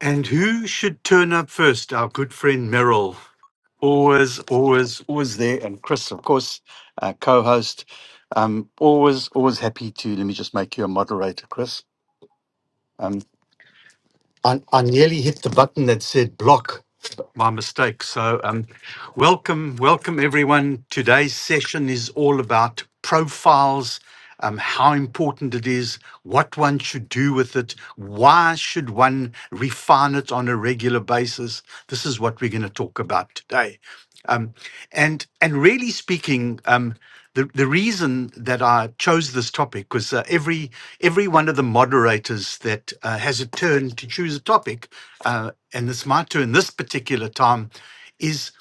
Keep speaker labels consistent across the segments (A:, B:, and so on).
A: And who should turn up first? Our good friend Merrill. Always, always, always there. And Chris, of course, uh, co host. Um, always, always happy to. Let me just make you a moderator, Chris. Um, I, I nearly hit the button that said block. My mistake. So, um, welcome, welcome everyone. Today's session is all about profiles, um, how important it is, what one should do with it, why should one refine it on a regular basis. This is what we're going to talk about today. Um, and and really speaking, um, the the reason that I chose this topic was uh, every every one of the moderators that uh, has a turn to choose a topic, uh, and it's my turn this particular time, is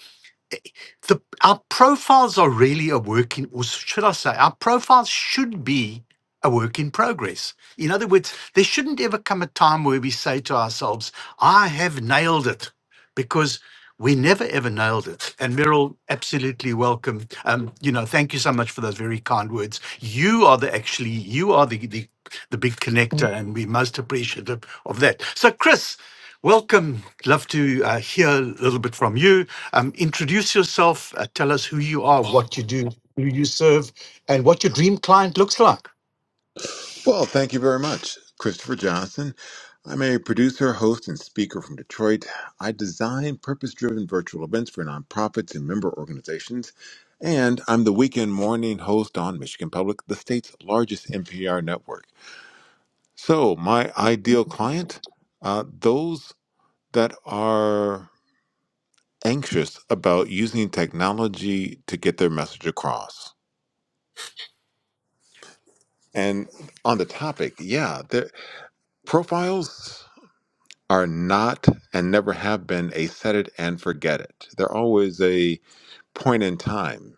A: the our profiles are really a work in, or should I say, our profiles should be a work in progress. In other words, there shouldn't ever come a time where we say to ourselves, "I have nailed it." because we never ever nailed it. And Meryl, absolutely welcome. Um, you know, thank you so much for those very kind words. You are the actually, you are the the, the big connector, and we're most appreciative of that. So, Chris, welcome. Love to uh, hear a little bit from you. Um, introduce yourself. Uh, tell us who you are, what you do, who you serve, and what your dream client looks like.
B: Well, thank you very much, Christopher Johnson. I'm a producer, host, and speaker from Detroit. I design purpose driven virtual events for nonprofits and member organizations. And I'm the weekend morning host on Michigan Public, the state's largest NPR network. So, my ideal client uh, those that are anxious about using technology to get their message across. And on the topic, yeah, their profiles. are not and never have been a set it and forget it. They're always a point in time.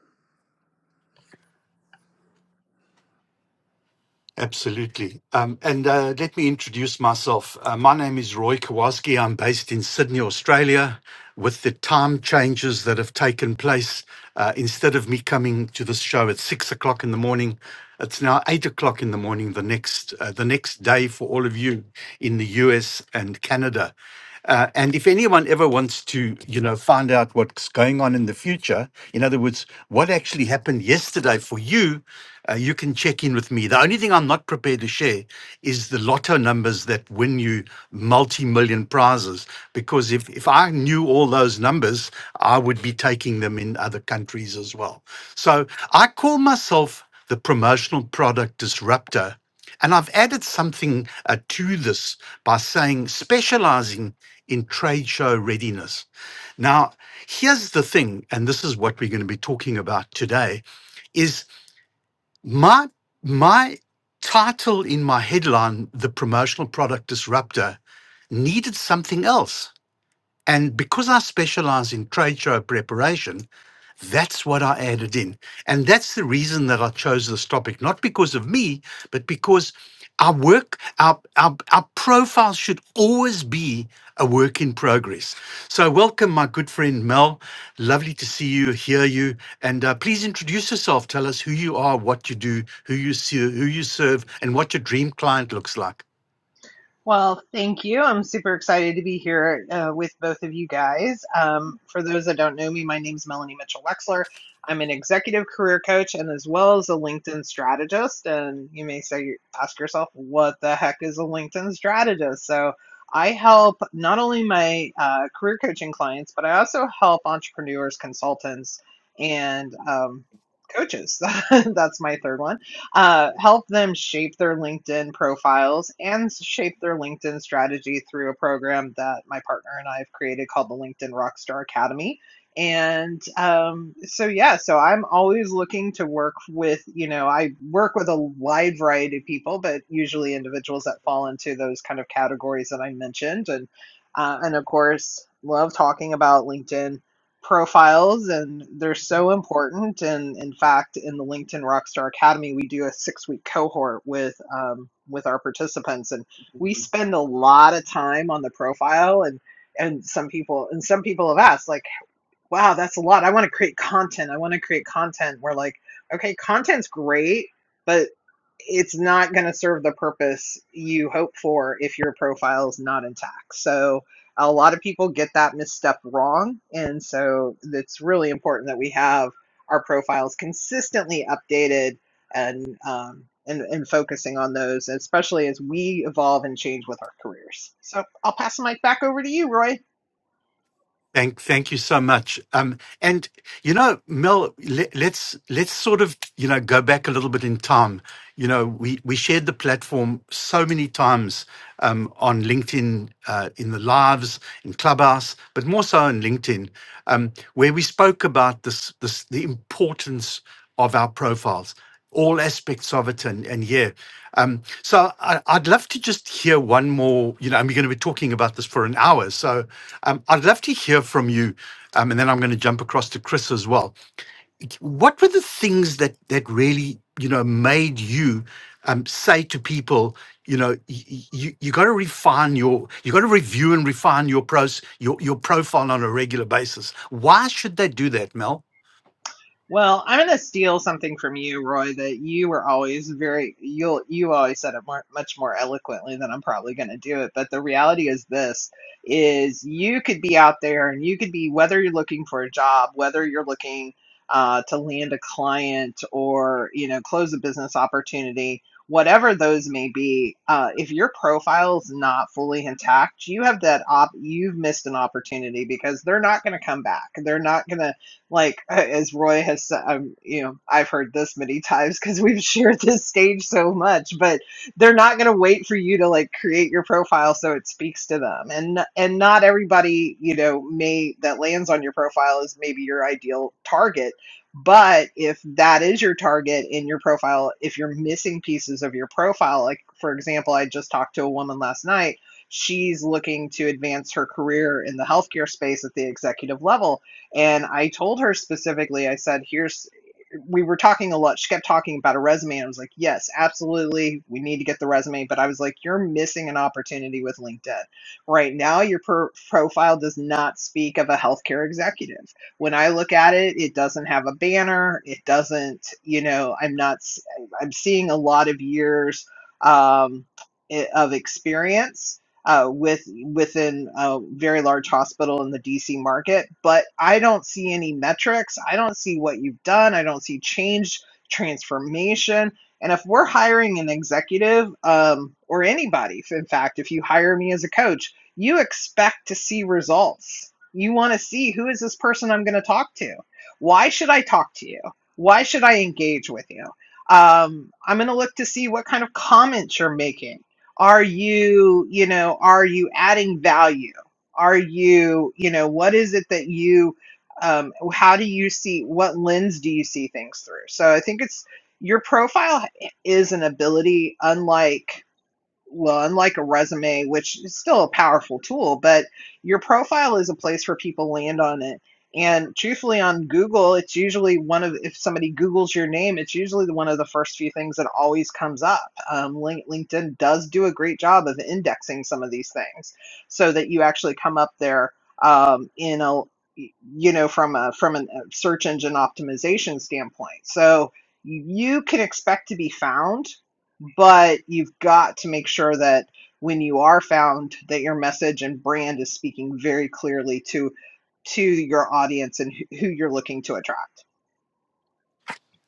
A: Absolutely. Um, and uh, let me introduce myself. Uh, my name is Roy Kowalski. I'm based in Sydney, Australia. With the time changes that have taken place, uh, instead of me coming to this show at six o'clock in the morning, it's now eight o'clock in the morning the next uh, the next day for all of you in the US and Canada. Uh, and if anyone ever wants to, you know, find out what's going on in the future, in other words, what actually happened yesterday for you, uh, you can check in with me. The only thing I'm not prepared to share is the lotto numbers that win you multi-million prizes, because if if I knew all those numbers, I would be taking them in other countries as well. So I call myself the promotional product disruptor. And I've added something uh, to this by saying specializing in trade show readiness. Now, here's the thing, and this is what we're going to be talking about today, is my my title in my headline, The Promotional Product Disruptor, needed something else. And because I specialize in trade show preparation, that's what I added in. And that's the reason that I chose this topic, not because of me, but because our work, our, our, our profile should always be a work in progress. So, welcome, my good friend Mel. Lovely to see you, hear you, and uh, please introduce yourself. Tell us who you are, what you do, who you see, who you serve, and what your dream client looks like.
C: Well, thank you. I'm super excited to be here uh, with both of you guys. Um, for those that don't know me, my name's Melanie Mitchell Wexler. I'm an executive career coach and as well as a LinkedIn strategist. And you may say, ask yourself, what the heck is a LinkedIn strategist? So I help not only my uh, career coaching clients, but I also help entrepreneurs, consultants, and um, coaches. That's my third one uh, help them shape their LinkedIn profiles and shape their LinkedIn strategy through a program that my partner and I have created called the LinkedIn Rockstar Academy. And um, so, yeah, so I'm always looking to work with, you know, I work with a wide variety of people, but usually individuals that fall into those kind of categories that I mentioned. And, uh, and of course, love talking about LinkedIn profiles and they're so important and in fact in the linkedin rockstar academy we do a six week cohort with um, with our participants and we spend a lot of time on the profile and and some people and some people have asked like wow that's a lot i want to create content i want to create content we're like okay content's great but." it's not going to serve the purpose you hope for if your profile is not intact. So a lot of people get that misstep wrong. And so it's really important that we have our profiles consistently updated and, um, and, and focusing on those, especially as we evolve and change with our careers. So I'll pass the mic back over to you, Roy.
A: Thank, thank you so much. Um, and you know, Mel, let, let's let's sort of you know go back a little bit in time. You know, we we shared the platform so many times um, on LinkedIn, uh, in the lives, in Clubhouse, but more so on LinkedIn, um, where we spoke about this this the importance of our profiles all aspects of it and, and yeah. Um, so I, I'd love to just hear one more, you know, and we're going to be talking about this for an hour. So um, I'd love to hear from you. Um, and then I'm going to jump across to Chris as well. What were the things that, that really, you know, made you um, say to people, you know, you, you got to refine your, you got to review and refine your pros, your, your profile on a regular basis. Why should they do that, Mel?
C: Well, I'm going to steal something from you, Roy, that you were always very, you'll, you always said it more, much more eloquently than I'm probably going to do it. But the reality is this is you could be out there and you could be, whether you're looking for a job, whether you're looking uh, to land a client or, you know, close a business opportunity, whatever those may be, uh, if your profile is not fully intact, you have that op, you've missed an opportunity because they're not going to come back. They're not going to, like uh, as Roy has said, um, you know, I've heard this many times because we've shared this stage so much, but they're not going to wait for you to like create your profile so it speaks to them, and and not everybody you know may that lands on your profile is maybe your ideal target. But if that is your target in your profile, if you're missing pieces of your profile, like for example, I just talked to a woman last night. She's looking to advance her career in the healthcare space at the executive level and I told her specifically, I said, here's, we were talking a lot. She kept talking about a resume. And I was like, yes, absolutely. We need to get the resume. But I was like, you're missing an opportunity with LinkedIn. Right now, your pro- profile does not speak of a healthcare executive. When I look at it, it doesn't have a banner. It doesn't, you know, I'm not, i I'm seeing a lot of years um, eh, of experience uh, with within a very large hospital in the DC market. But I don't see any metrics. I don't see what you've done. I don't see change, transformation. And if we're hiring an executive um, or anybody, in fact, if you hire me as a coach, you expect to see results. You want to see who is this person I'm going to talk to? Why should I talk to you? Why should I engage with you? Um, I'm going to look to see what kind of comments you're making are you you know are you adding value are you you know what is it that you um, how do you see what lens do you see things through so i think it's your profile is an ability unlike well, unlike a resume, which is still a powerful tool, but your profile is a place where people land on it. And truthfully, on Google, it's usually one of, if somebody Googles your name, it's usually the- one of the first few things that always comes up. Um, LinkedIn does do a great job of indexing some of these things so that you actually come up there um, in a, you know, from a from a search engine optimization standpoint. So you can expect to be found but you've got to make sure that when you are found that your message and brand is speaking very clearly to to your audience and who you're looking to attract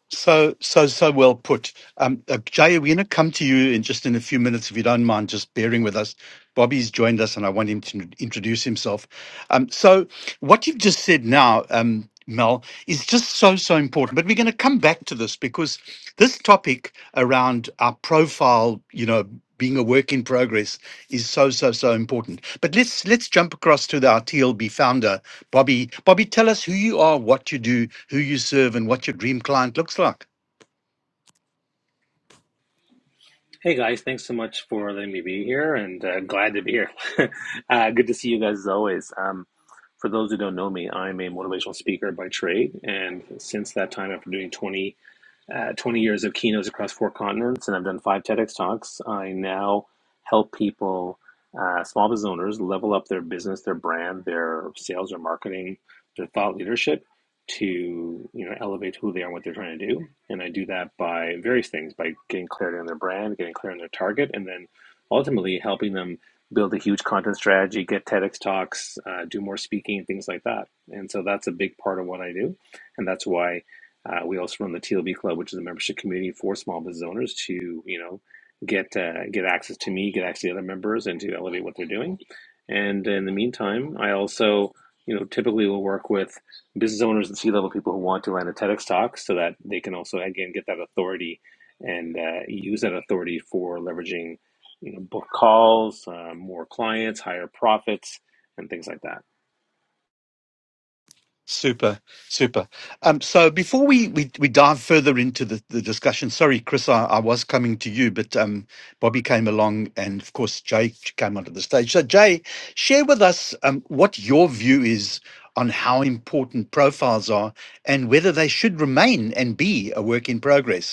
A: So, so, so well put. Um, uh, Jay, we're going to come to you in just in a few minutes, if you don't mind, just bearing with us. Bobby's joined us, and I want him to introduce himself. Um, so, what you've just said now, um, Mel, is just so, so important. But we're going to come back to this because this topic around our profile, you know, being a work in progress is so, so, so important. But let's let's jump across to our TLB founder, Bobby. Bobby, tell us who you are, what you do, who you serve, and what your dream client looks like.
D: Hey guys, thanks so much for letting me be here and uh, glad to be here. uh, good to see you guys as always. Um, for those who don't know me, I'm a motivational speaker by trade. And since that time, after doing 20 uh, 20 years of keynotes across four continents, and I've done five TEDx talks. I now help people, uh, small business owners, level up their business, their brand, their sales, or marketing, their thought leadership to you know elevate who they are and what they're trying to do. And I do that by various things, by getting clarity on their brand, getting clear on their target, and then ultimately helping them build a huge content strategy, get TEDx talks, uh, do more speaking, things like that. And so that's a big part of what I do, and that's why uh, we also run the TLB Club, which is a membership community for small business owners to, you know, get uh, get access to me, get access to the other members, and to elevate what they're doing. And in the meantime, I also, you know, typically will work with business owners and C level people who want to land a TEDx talk, so that they can also again get that authority and uh, use that authority for leveraging, you know, book calls, uh, more clients, higher profits, and things like that.
A: Super, super. Um, so before we, we, we dive further into the, the discussion, sorry, Chris, I, I was coming to you, but um, Bobby came along and, of course, Jay came onto the stage. So, Jay, share with us um, what your view is on how important profiles are and whether they should remain and be a work in progress.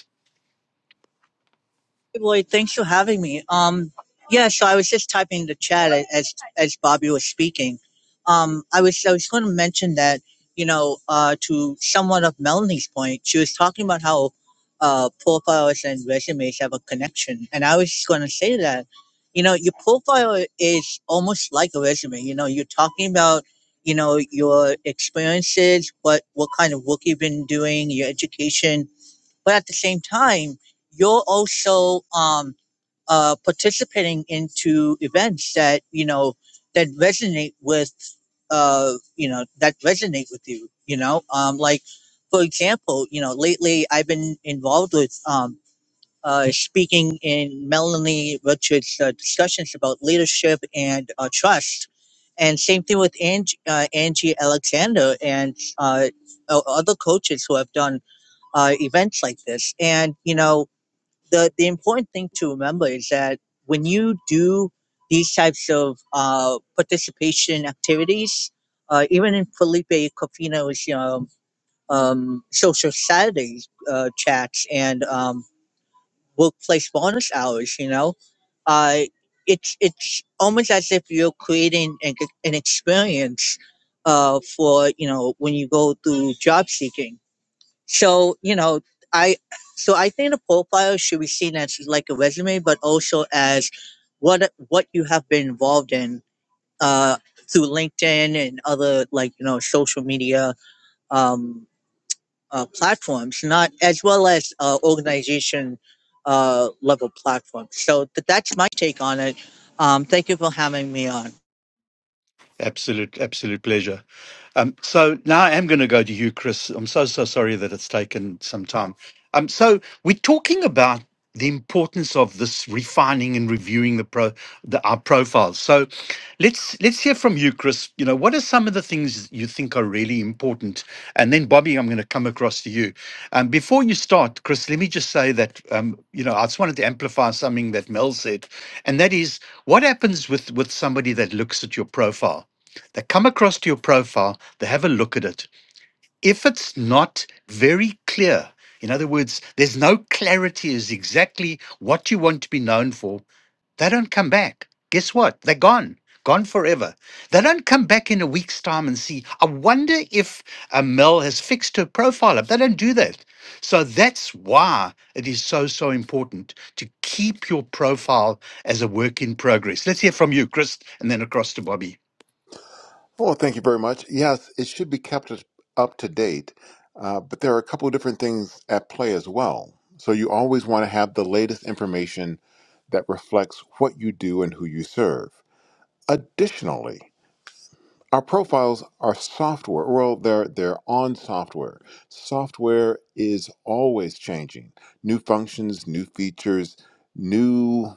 E: Hey, Lloyd, thanks for having me. Um, yeah, so I was just typing in the chat a- as as Bobby was speaking. Um, I was I was going to mention that you know uh, to somewhat of Melanie's point, she was talking about how uh, profiles and resumes have a connection, and I was just going to say that you know your profile is almost like a resume. You know, you're talking about you know your experiences, what what kind of work you've been doing, your education, but at the same time you're also um uh participating into events that you know that resonate with uh you know that resonate with you you know um like for example you know lately i've been involved with um uh, speaking in Melanie Richards' uh, discussions about leadership and uh, trust, and same thing with Angie, uh, Angie Alexander and uh, o- other coaches who have done uh, events like this. And you know, the the important thing to remember is that when you do these types of uh, participation activities, uh, even in Felipe Cofino's you know, um, social Saturday uh, chats and um, workplace bonus hours, you know, uh, it's it's almost as if you're creating an, an experience uh, for you know when you go through job seeking so, you know, I so I think a profile should be seen as like a resume, but also as what what you have been involved in uh, through LinkedIn and other like you know social media um, uh, platforms, not as well as uh, organization uh, level platforms. So th- that's my take on it. Um, thank you for having me on.
A: Absolute, absolute pleasure. Um, so now I am going to go to you, Chris. I'm so, so sorry that it's taken some time. Um, so we're talking about the importance of this refining and reviewing the pro the, our profiles. So let's let's hear from you, Chris. You know, what are some of the things you think are really important? And then Bobby, I'm going to come across to you. Um, before you start, Chris, let me just say that um, you know I just wanted to amplify something that Mel said, and that is what happens with with somebody that looks at your profile. They come across to your profile, they have a look at it. If it's not very clear, in other words, there's no clarity as exactly what you want to be known for, they don't come back. Guess what? They're gone. Gone forever. They don't come back in a week's time and see. I wonder if uh, Mel has fixed her profile up. They don't do that. So that's why it is so, so important to keep your profile as a work in progress. Let's hear from you, Chris, and then across to Bobby.
B: Well, thank you very much. Yes, it should be kept as- up to date, uh, but there are a couple of different things at play as well. So you always want to have the latest information that reflects what you do and who you serve. Additionally, our profiles are software. Well, they're they're on software. Software is always changing. New functions, new features, new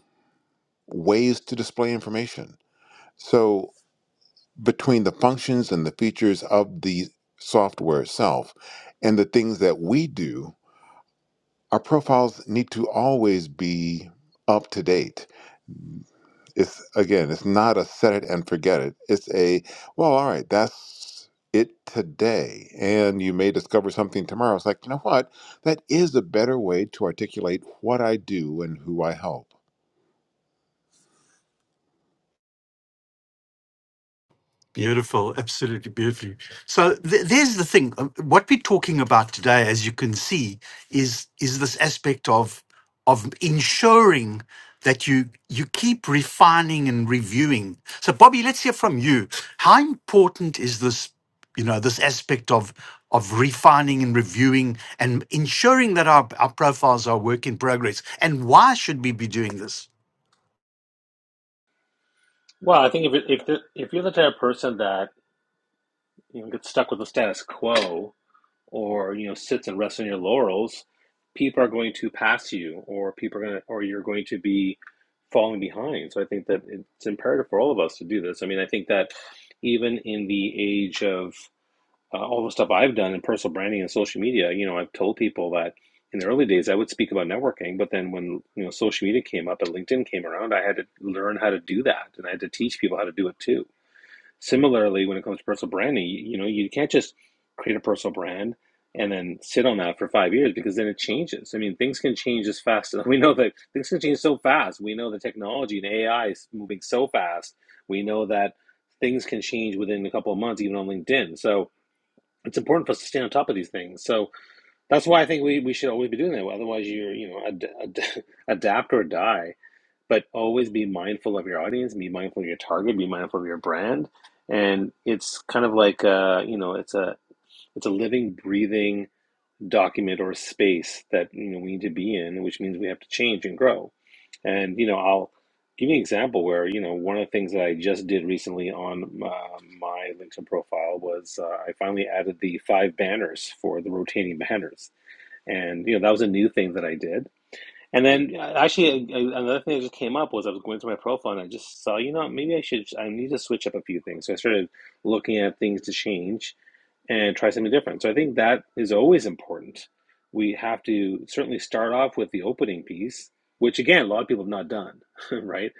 B: ways to display information. So, between the functions and the features of the software itself and the things that we do, our profiles need to always be up to date. It's again, it's not a set it and forget it. It's a, well, all right, that's it today. And you may discover something tomorrow. It's like, you know what? That is a better way to articulate what I do and who I help.
A: Beautiful, absolutely beautiful. So th- there's the thing. um, What we're talking about today, as you can see, is is this aspect of of ensuring that you you keep refining and reviewing. So, Bobby, let's hear from you. How important is this? You know, this aspect of of refining and reviewing and ensuring that our, our profiles are work in progress. And why should we be doing this?
D: Well, I think if it, if the, if you're the type of person that you know gets stuck with the status quo, or you know sits and rests on your laurels, people are going to pass you, or people are going to, or you're going to be falling behind. So I think that it's imperative for all of us to do this. I mean, I think that even in the age of uh, all the stuff I've done in personal branding and social media, you know, I've told people that in the early days I would speak about networking, but then when you know social media came up and LinkedIn came around, I had to learn how to do that, and I had to teach people how to do it too. Similarly, when it comes to personal branding, you, you know, you can't just create a personal brand and then sit on that for five years because then it changes. I mean, things can change as fast. We know that things can change so fast. We know the technology and AI is moving so fast. We know that things can change within a couple of months, even on LinkedIn. So it's important for us to stay on top of these things. So that's why I think we, we should always be doing that. Otherwise, you're, you know, ad, ad, adapt or die. But always be mindful of your audience, be mindful of your target, be mindful of your brand. And it's kind of like, uh, you know, it's a it's a living, breathing document or space that you know we need to be in, which means we have to change and grow. And you know, I'll give you an example where you know one of the things that I just did recently on uh, my LinkedIn profile was uh, I finally added the five banners for the rotating banners, and you know that was a new thing that I did and then uh, actually, a- another thing that just came up was I was going through my profile and I just saw, you know, maybe I should, I need to switch up a few things. So I started looking at things to change and try something different. So I think that is always important. We have to certainly start off with the opening piece, which again, a lot of people have not done, right?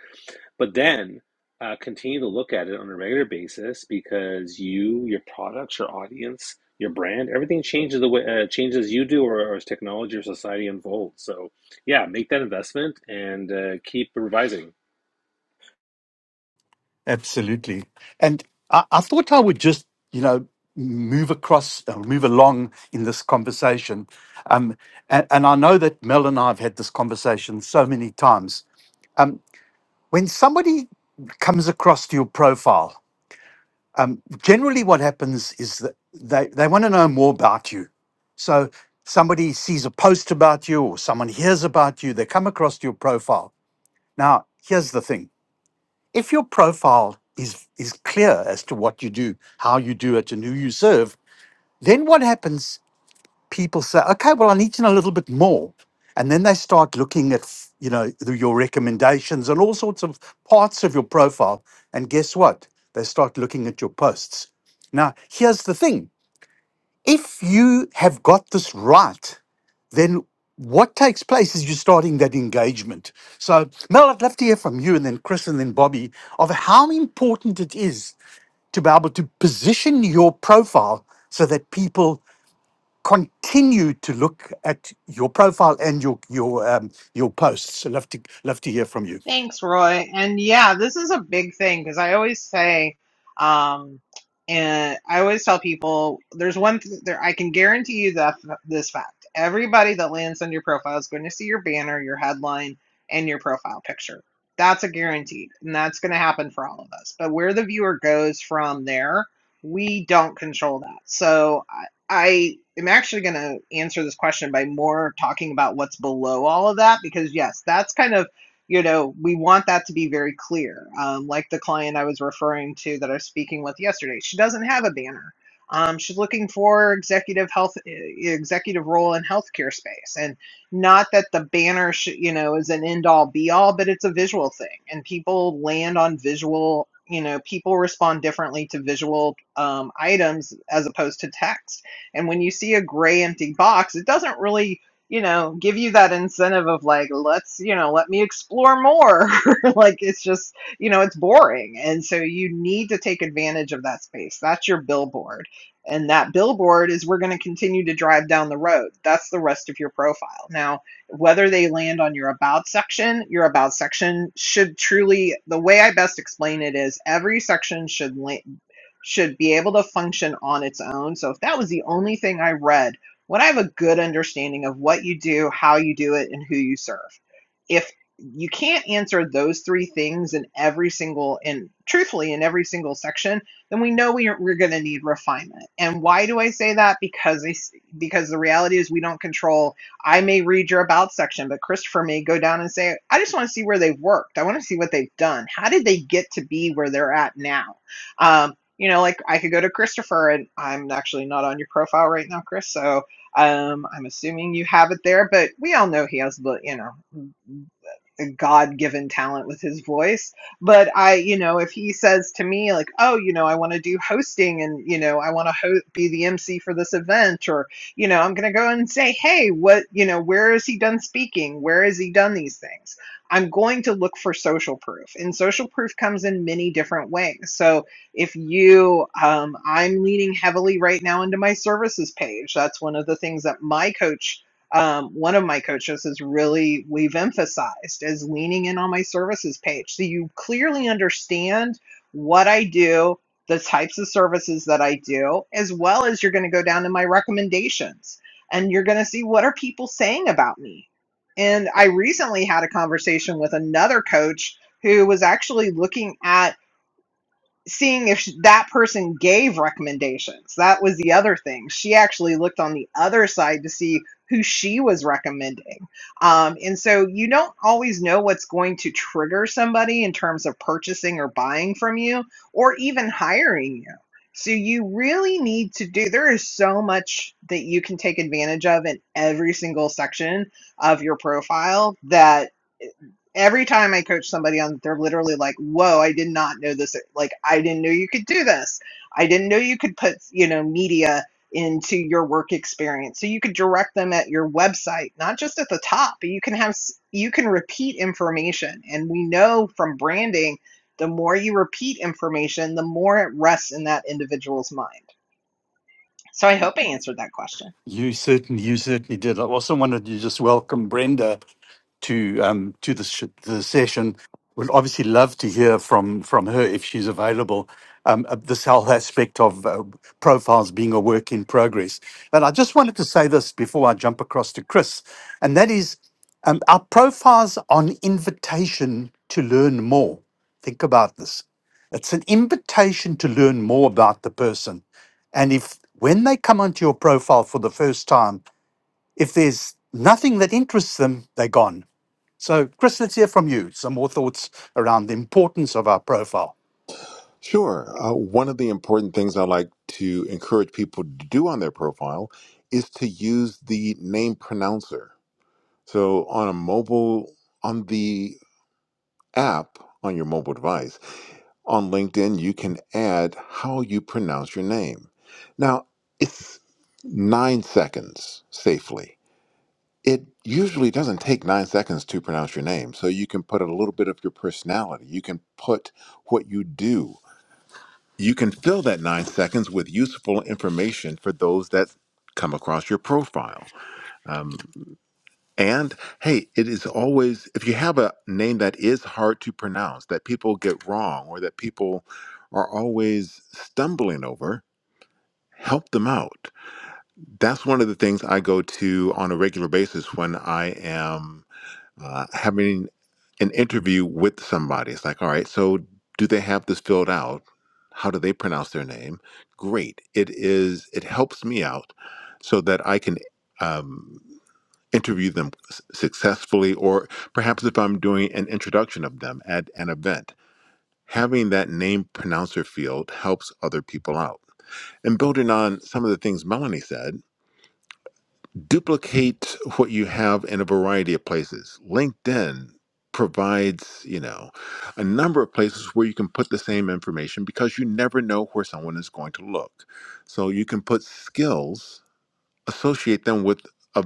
D: But then uh, continue to look at it on a regular basis because you, your products, your audience, your brand, everything changes the way uh, changes you do or, or as technology or society unfolds. So yeah, make that investment and uh, keep revising.
A: Absolutely. And I, I thought I would just, you know, move across, uh, move along in this conversation. Um, and, and I know that Mel and I have had this conversation so many times. Um, when somebody comes across to your profile, um, generally what happens is that they, they want to know more about you. So somebody sees a post about you or someone hears about you, they come across to your profile. Now, here's the thing if your profile is is clear as to what you do, how you do it, and who you serve, then what happens? People say, "Okay, well, I need to know a little bit more," and then they start looking at you know the- your recommendations and all sorts of parts of your profile. And guess what? They start looking at your posts. Now, here's the thing: if you have got this right then what takes place is you're starting that engagement. So, Mel, I'd love to hear from you and then Chris and then Bobby of how important it is to be able to position your profile so that people continue to look at your profile and your your um, your posts. I'd love to love to hear from you.
C: Thanks, Roy. And yeah, this is a big thing because I always say, um, and I always tell people, there's one th- there I can guarantee you that this fact: everybody that lands on your profile is going to see your banner, your headline, and your profile picture. That's a guaranteed, and that's going to happen for all of us. But where the viewer goes from there, we don't control that. So I, I am actually going to answer this question by more talking about what's below all of that because yes, that's kind of you know, we want that to be very clear. Um, like the client I was referring to that I was speaking with yesterday, she doesn't have a banner. Um, she's looking for executive health, e, executive role in healthcare space, and not that the banner, should, you know, is an end all be all, but it's a visual thing, and people land on visual. You know, people respond differently to visual um, items as opposed to text. And when you see a gray empty box, it doesn't really you know, give you that incentive of like, let's, you know, let me explore more. like it's just, you know, it's boring. And so you need to take advantage of that space. That's your billboard. And that billboard is we're going to continue to drive down the road. That's the rest of your profile. Now, whether they land on your about section, your about section should truly, the way I best explain it is every section should la- should be able to function on its own. So if that was the only thing I read when I have a good understanding of what you do, how you do it, and who you serve. If you can't answer those three things in every single, and truthfully, in every single section, then we know we are, we're going to need refinement. And why do I say that? Because I, s- because the reality is we don't control. I may read your about section, but Christopher may go down and say, I just want to see where they've worked. I want to see what they've done. How did they get to be where they're at now? Um, you know, like I could go to Christopher, and I'm actually not on your profile right now, Chris. So um, I'm assuming you have it there, but we all know he has, the you know, God given talent with his voice. But I, you know, if he says to me, like, oh, you know, I want to do hosting and, you know, I want to ho- be the MC for this event, or, you know, I'm going to go and say, hey, what, you know, where has he done speaking? Where has he done these things? I'm going to look for social proof. And social proof comes in many different ways. So if you, um, I'm leaning heavily right now into my services page. That's one of the things that my coach um, one of my coaches has really we've emphasized is leaning in on my services page so you clearly understand what i do the types of services that i do as well as you're going to go down to my recommendations and you're going to see what are people saying about me and i recently had a conversation with another coach who was actually looking at seeing if sh that person gave recommendations. That was the other thing. She actually looked on the other side to see who she was recommending. Um, and so you don't always know what's going to trigger somebody in terms of purchasing or buying from you or even hiring you. So you really need to do, there is so much that you can take advantage of in every single section of your profile that every time I coach somebody on, they're literally like, "Whoa, I did not know this. Like, I didn't know you could do this. I didn't know you could put, you know, media into your work experience. So you could direct them at your website, not just at the top, but you can have you can repeat information. And we know from branding, the more you repeat information, the more it rests in that individual's mind. So I hope I answered that question.
A: You certainly you certainly did. I also wanted to just welcome Brenda. to um, to the, sh- the session. Would obviously love to hear from from her if she's available. Um, uh, this whole aspect of uh, profiles being a work in progress. And I just wanted to say this before I jump across to Chris, and that is, um, our profiles are an invitation to learn more. Think about this. It's an invitation to learn more about the person. And if when they come onto your profile for the first time, if there's nothing that interests them, they're gone so, Chris, let's hear from you. Some more thoughts around the importance of our profile.
B: Sure. Uh, one of the important things I like to encourage people to do on their profile is to use the name pronouncer. So on a mobile, on the app on your mobile device, on LinkedIn, you can add how you pronounce your name. Now, it's nine seconds safely. It usually doesn't take nine seconds to pronounce your name. So you can put a little bit of your personality. You can put what you do You can fill that nine seconds with useful information for those that come across your profile. Um, and hey, it is always, if you have a name that is hard to pronounce, that people get wrong, or that people are always stumbling over, help them out. That's one of the things I go to on a regular basis when I am uh, having an interview with somebody. It's like, all right, so do they have this filled out? How do they pronounce their name? Great. It is. It helps me out so that I can um, interview them s- successfully, or perhaps if I'm doing an introduction of them at an event, having that name pronouncer field helps other people out. And building on some of the things Melanie said, duplicate what you have in a variety of places. LinkedIn provides, you know, a number of places where you can put the same information because you never know where someone is going to look. So you can put skills, associate them with a,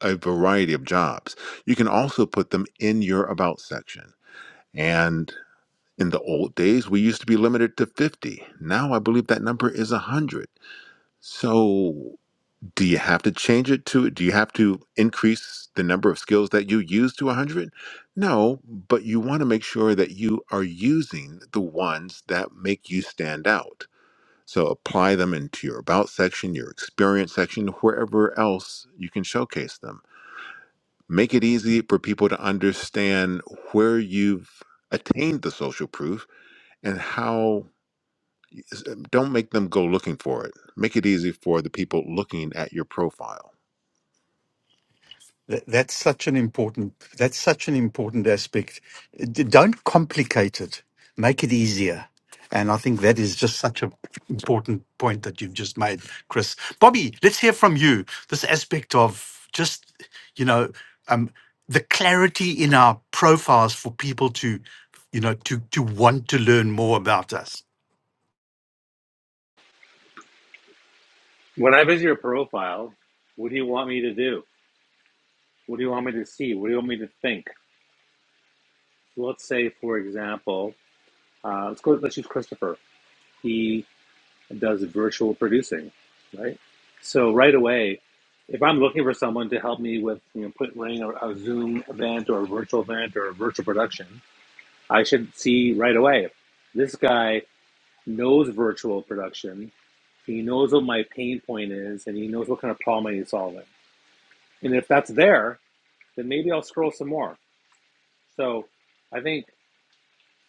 B: a variety of jobs. You can also put them in your about section. And in the old days, we used to be limited to 50. Now I believe that number is 100. So do you have to change it to Do you have to increase the number of skills that you use to 100? No, but you want to make sure that you are using the ones that make you stand out. So apply them into your about section, your experience section, wherever else you can showcase them. Make it easy for people to understand where you've attained the social proof and how eh, don't make them go looking for it. Make it easy for the people looking at your profile
A: Th- That's such an important. That's such an important aspect. D- Don't complicate it. Make it easier. And I think that is just such an important point that you've just made, Chris. Bobby, let's hear from you. This aspect of just, you know, um, the clarity in our profiles for people to, you know, to to want to learn more about us.
D: When I visit your profile, what do you want me to do? What do you want me to see? What do you want me to think? Let's say, for example, uh, let's go. Let's use Christopher. He does virtual producing, right? So right away, if I'm looking for someone to help me with, you know, put running a, a Zoom event or a virtual event or a virtual production, I should see right away. This guy knows virtual production. He knows what my pain point is and he knows what kind of problem I need solving. And if that's there, then maybe I'll scroll some more. So I think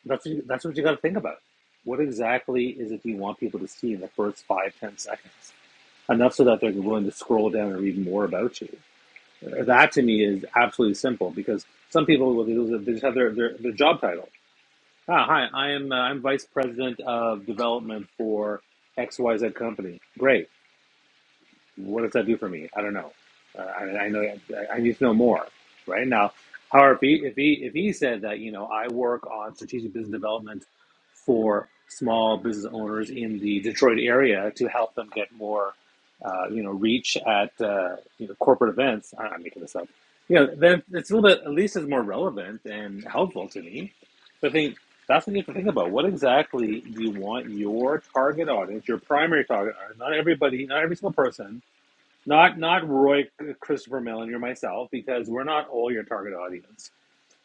D: that's what you, that's what you got to think about. What exactly is it you want people to see in the first five, ten seconds? Enough so that they're willing to scroll down and read more about you. That to me is absolutely simple because some people what they they just have their, their, their job title. Ah, hi, I am uh, I'm vice president of development for XYZ company. Great What does that do for me? I don't know. Uh, I, I know I, I need to know more. Right now, however, if he if he if he said that you know I work on strategic business development for small business owners in the Detroit area to help them get more uh, you know reach at uh, you know, corporate events, I- am making this up. You know, then it's a little bit at least it's more relevant and helpful to me. So I think that's what you have to think about. What exactly do you want your target audience, your primary target audience? Not everybody, not every single person not not Roy, Christopher Mellon, or myself, because we're not all your target audience.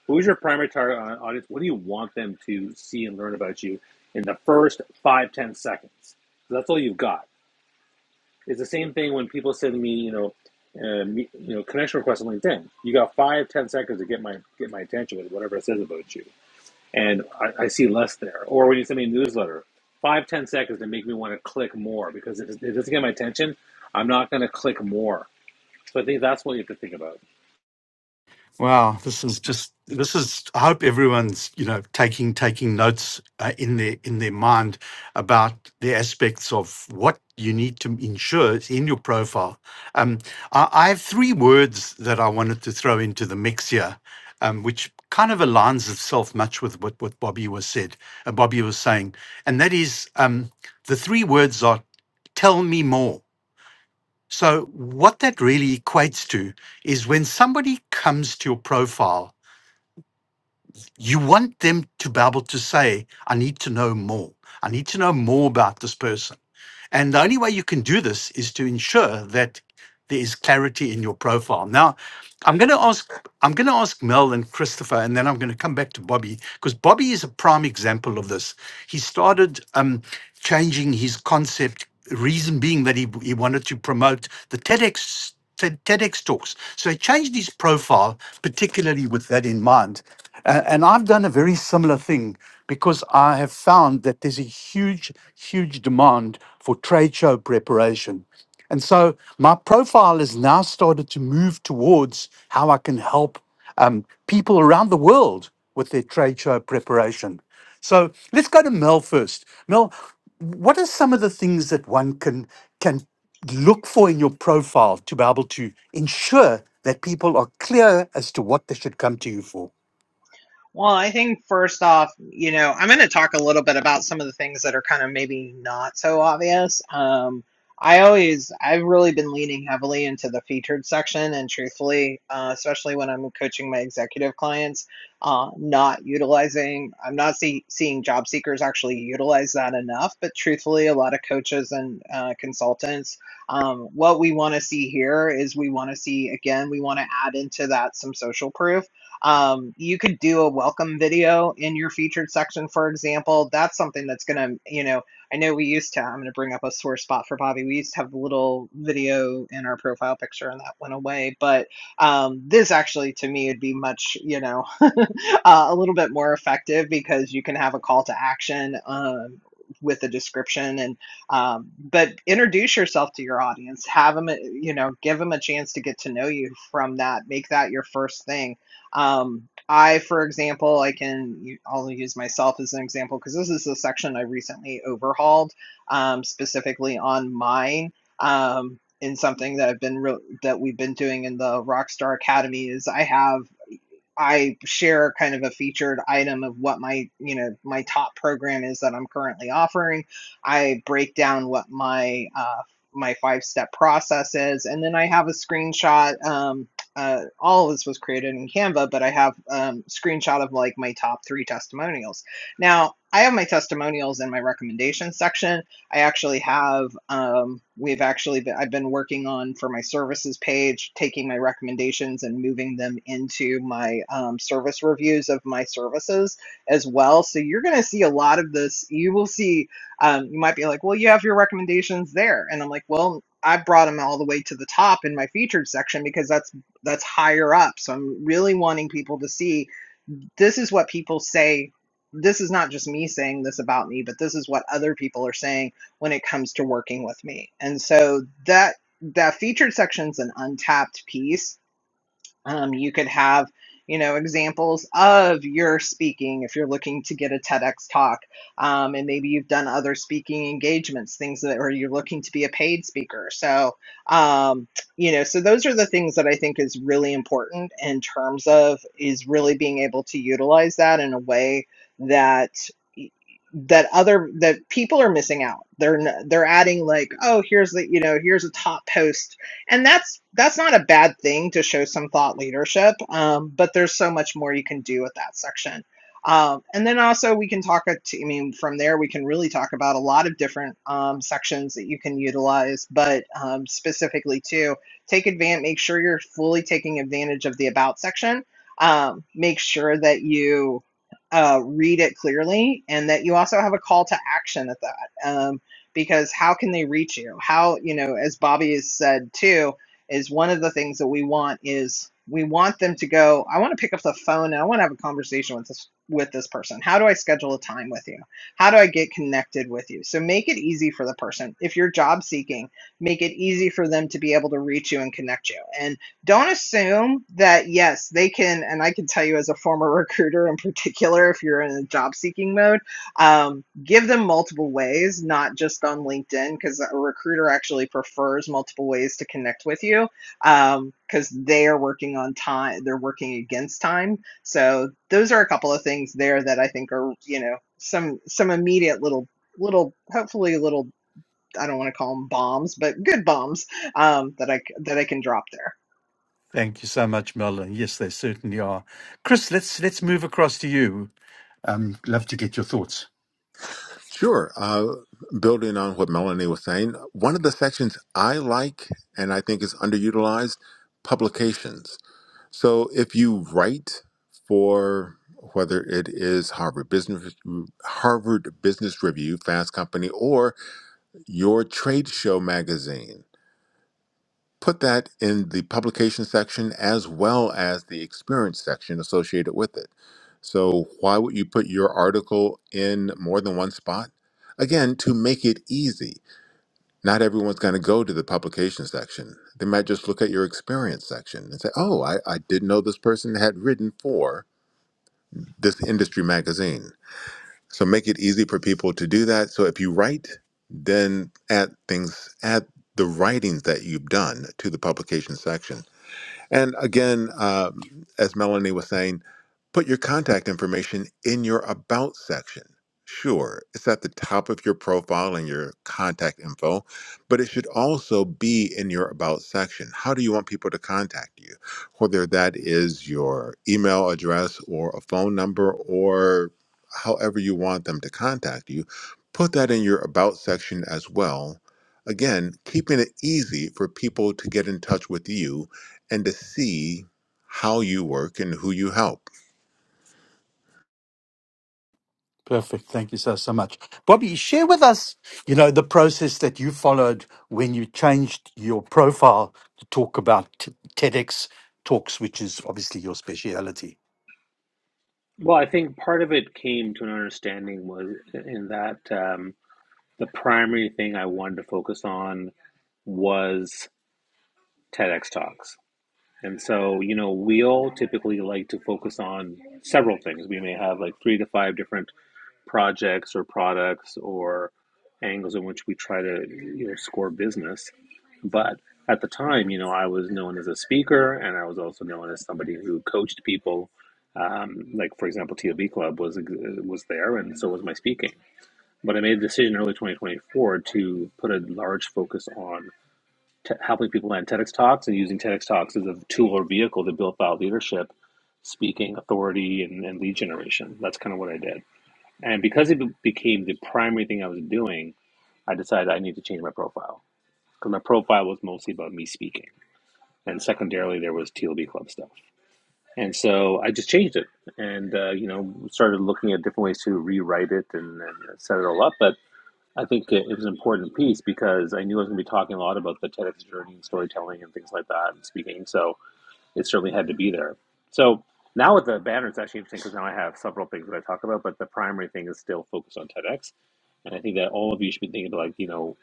D: Who's your primary target au- audience? What do you want them to see and learn about you in the first five ten seconds? So that's all you've got. It's the same thing when people send me, you know, uh, me, you know, connection requests on LinkedIn. You got five ten seconds to get my get my attention with whatever it says about you, and I, I see less there. Or when you send me a newsletter, five ten seconds to make me want to click more because if it doesn't get my attention, I'm not going to click more so I think that's what you have to think about.
A: Wow, this is just this is. I hope everyone's you know taking taking notes uh, in their in their mind about the aspects of what you need to ensure is in your profile. Um, I, I have three words that I wanted to throw into the mix here, um, which kind of aligns itself much with what what Bobby was said. Uh, Bobby was saying, and that is um, the three words are "tell me more." So, what that really equates to is when somebody comes to your profile, you want them to be able to say, I need to know more. I need to know more about this person. And the only way you can do this is to ensure that there is clarity in your profile. Now, I'm going to ask I'm going to ask Mel and Christopher, and then I'm going to come back to Bobby because Bobby is a prime example of this. He started um, changing his concept, reason being that he, he wanted to promote the TEDx. TED- TEDx talks. So he changed his profile, particularly with that in mind. Uh, and I've done a very similar thing because I have found that there's a huge, huge demand for trade show preparation and so my profile has now started to move towards how I can help um, people around the world with their trade show preparation. So let's go to Mel first. Mel, what are some of the things that one can can look for in your profile to be able to ensure that people are clear as to what they should come to you for?
C: Well, I think first off, you know, I'm going to talk a little bit about some of the things that are kind of maybe not so obvious. Um, I always, I've really been leaning heavily into the featured section, and truthfully, uh, especially when I'm coaching my executive clients, uh, not utilizing, I'm not see, seeing job seekers actually utilize that enough. But truthfully, a lot of coaches and uh, consultants, um, what we want to see here is we want to see, again, we want to add into that some social proof um, you could do a welcome video in your featured section, for example. That's something that's going to, you know, I know we used to, I'm going to bring up a sore spot for Bobby. We used to have a little video in our profile picture and that went away. But um, this actually, to me, would be much, you know, uh, a little bit more effective because you can have a call to action um, with a description and um, but introduce yourself to your audience have them you know give them a chance to get to know you from that make that your first thing um, I, for example, I can only use myself as an example because this is a section I recently overhauled um, specifically on mine. Um, in something that I've been re- that we've been doing in the Rockstar Academy is I have I share kind of a featured item of what my, you know, my top program is that I'm currently offering. I break down what my uh, my five step process is, and then I have a screenshot. Um, uh, all of this was created in Canva, but I have um, screenshot of like my top three testimonials. Now I have my testimonials in my recommendation section, I actually have um, we've actually been, I've been working on for my services page, taking my recommendations and moving them into my um, service reviews of my services as well. So you're going to see a lot of this. You will see. Um, you might be like, well, you have your recommendations there, and I'm like, well. I brought them all the way to the top in my featured section because that's that's higher up. So I'm really wanting people to see this is what people say this is not just me saying this about me but this is what other people are saying when it comes to working with me. And so that that featured section's an untapped piece um, you could have, you know, examples of your speaking if you're looking to get a TEDx talk, um, and maybe you've done other speaking engagements, things that, or you're looking to be a paid speaker. So, um, you know, so those are the things that I think is really important in terms of is really being able to utilize that in a way that that other that people are missing out. They're they're adding like, oh, here's the you know here's a top post and that's that's not a bad thing to show some thought leadership um, but there's so much more you can do with that section um, and then also we can talk i mean from there we can really talk about a lot of different um, sections that you can utilize but um, specifically too take advantage make sure you're fully taking advantage of the about section um, make sure that you uh, read it clearly and that you also have a call to action at that Um, because how can they reach you? How, you know, as Bobby has said too, is one of the things that we want is we want them to go, I want to pick up the phone and I want to have a conversation with this with this person. How do I schedule a time with you? How do I get connected with you? So make it easy for the person. If you're job seeking, make it easy for them to be able to reach you and connect you. And don't assume that yes, they can and I can tell you as a former recruiter in particular if you're in a job seeking mode um, give them multiple ways, not just on LinkedIn, because a recruiter actually prefers multiple ways to connect with you, um, because they are working on time, they're working against time. So those are a couple of things there that I think are, you know, some some immediate little little, hopefully little, I don't want to call them bombs, but good bombs um, that I c- that I can drop there.
A: Thank you so much, Mel. And yes, they certainly are. Chris, let's let's move across to you. Um, love to get your thoughts.
B: Sure. Uh, building on what Melanie was saying, one of the sections I like and I think is underutilized publications. So if you write for whether it is Harvard Business Harvard Business Review, Fast Company, or your trade show magazine, put that in the publication section as well as the experience section associated with it. So, why would you put your article in more than one spot? Again, to make it easy. Not everyone's going to go to the publication section. They might just look at your experience section and say, oh, I, I didn't know this person had written for this industry magazine. So, make it easy for people to do that. So, if you write, then add things, add the writings that you've done to the publication section and again, um, as Melanie was saying, put your contact information in your about section. Sure, it's at the top of your profile and your contact info, but it should also be in your about section. How do you want people to contact you? Whether that is your email address or a phone number or however you want them to contact you, put that in your about section as well. Again, keeping it easy for people to get in touch with you and to see how you work and who you help.
A: Perfect. Thank you so, so much. Bobby, share with us, you know, the process that you followed when you changed your profile to talk about t- TEDx talks, which is obviously your speciality.
D: Well, I think part of it came to an understanding was in that um, the primary thing I wanted to focus on was TEDx talks. And so, you know, we all typically like to focus on several things. We may have like three to five different projects or products or angles in which we try to you know score business but at the time you know i was known as a speaker and i was also known as somebody who coached people um, like for example tob club was was there and so was my speaking but i made a decision in early 2024 to put a large focus on t- helping people land tedx talks and using tedx talks as a tool or vehicle to build out leadership speaking authority and, and lead generation that's kind of what i did and because it be- became the primary thing I was doing, I decided I need to change my profile because my profile was mostly about me speaking. And secondarily, there was TLB Club stuff. And so I just changed it and, uh, you know, started looking at different ways to rewrite it and, and set it all up. But I think it, it was an important piece because I knew I was going to be talking a lot about the TEDx journey and storytelling and things like that and speaking. So it certainly had to be there. So now with the banner, it's actually interesting because now I have several things that I talk about, but the primary thing is still focused on TEDx. And I think that all of you should be thinking about like, you know,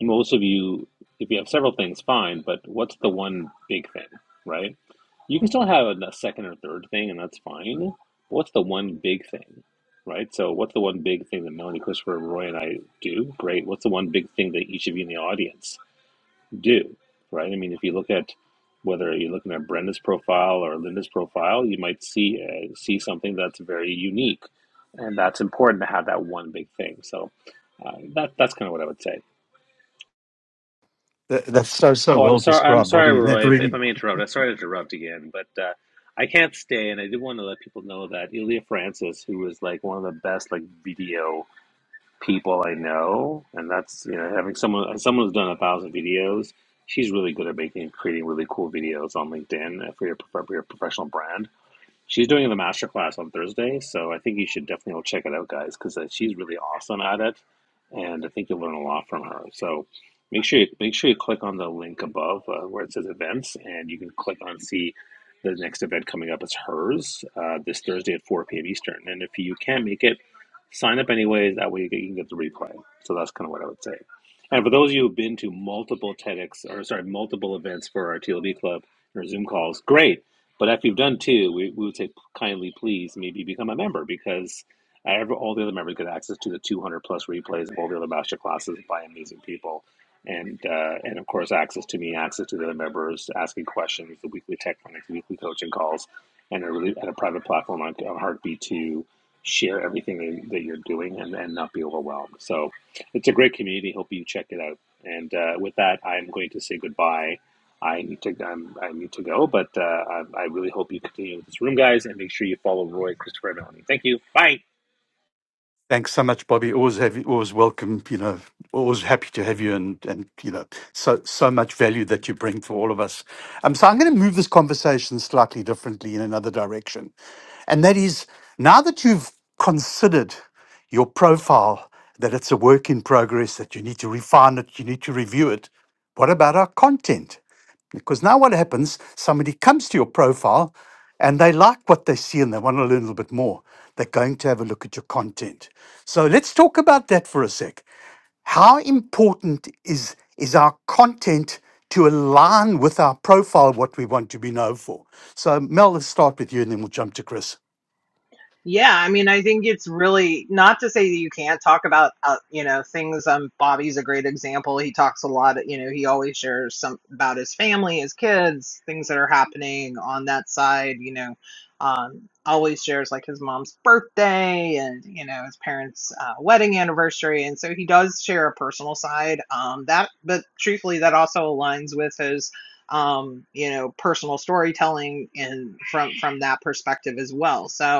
D: most of you, if you have several things, fine, but what's the one big thing, right? You can still have a second or third thing, and that's fine. What's the one big thing, right? So, what's the one big thing that Melanie, Christopher, Roy, and I do? Great. What's the one big thing that each of you in the audience do, right? I mean, if you look at whether you're looking at Brenda's profile or Linda's profile, you might see uh, see something that's very unique, and that's important to have that one big thing. So uh, that that's kind of what I would say.
A: That, that's so so
D: Oh, I'm
A: well
D: sorry, I'm
A: described,
D: sorry,
A: Bobby, and that
D: Roy, if, if
A: really
D: I may interrupt. I'm sorry to interrupt again, but uh, I can't stay, and I did want to let people know that Ilya Francis, who was like one of the best like video people I know, and that's you know having someone as someone who's done a thousand videos. She's really good at making creating really cool videos on LinkedIn for your, prof- for your professional brand She's doing the master class on Thursday, so I think you should definitely go check it out, guys, because she's really awesome at it, and I think you'll learn a lot from her. So make sure you make sure you click on the link above uh, where it says events, and you can click on see the next event coming up is hers uh, this Thursday at 4 p.m. Eastern. And if you can't make it, sign up anyways. That way you can you can get the replay. So that's kind of what I would say. And for those of you who've been to multiple TEDx or sorry multiple events for our TLD club or Zoom calls, great but if you've done two, we, we would say kindly please maybe become a member because every, all the other members get access to the 200 plus replays of all the other master classes by amazing people. And, uh, and of course, access to me, access to the other members, asking questions, the weekly tech clinics, weekly coaching calls, and a, really, and a private platform on, on Heartbeat to share everything that that you're doing and, and not be overwhelmed. So it's a great community. Hope you check it out. And uh, with that, I'm going to say goodbye I need to I'm, I need to go, but uh, I, I really hope you continue with this room, guys, and make sure you follow Roy Christopher and Melanie. Thank you. Bye.
A: Thanks so much, Bobby. Always have always welcome. You know, always happy to have you, and and you know, so so much value that you bring for all of us. Um, so I'm going to move this conversation slightly differently in another direction, and that is now that you've considered your profile that it's a work in progress, that you need to refine it, you need to review it. What about our content? Because now what happens, somebody comes to your profile and they like what they see and they want to learn a little bit more. They're going to have a look at your content. So let's talk about that for a sec. How important is, is our content to align with our profile, what we want to be known for? So, Mel, let's start with you and then we'll jump to Chris.
C: Yeah, I mean, I think it's really not to say that you can't talk about, uh, you know, things. Um, Bobby's a great example. He talks a lot, you know, he always shares some about his family, his kids, things that are happening on that side, you know, um, always shares like his mom's birthday and, you know, his parents' uh, wedding anniversary. And so he does share a personal side. Um, that, but truthfully, that also aligns with his um you know personal storytelling and from from that perspective as well so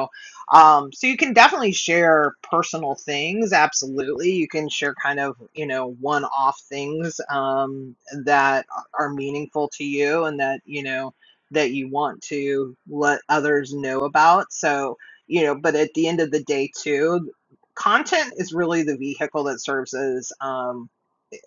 C: um, so you can definitely share personal things. Absolutely. You can share kind of, you know, one off things um, that are meaningful to you and that, you know, that you want to let others know about. So, you know, but at the end of the day, too, content is really the vehicle that serves as um,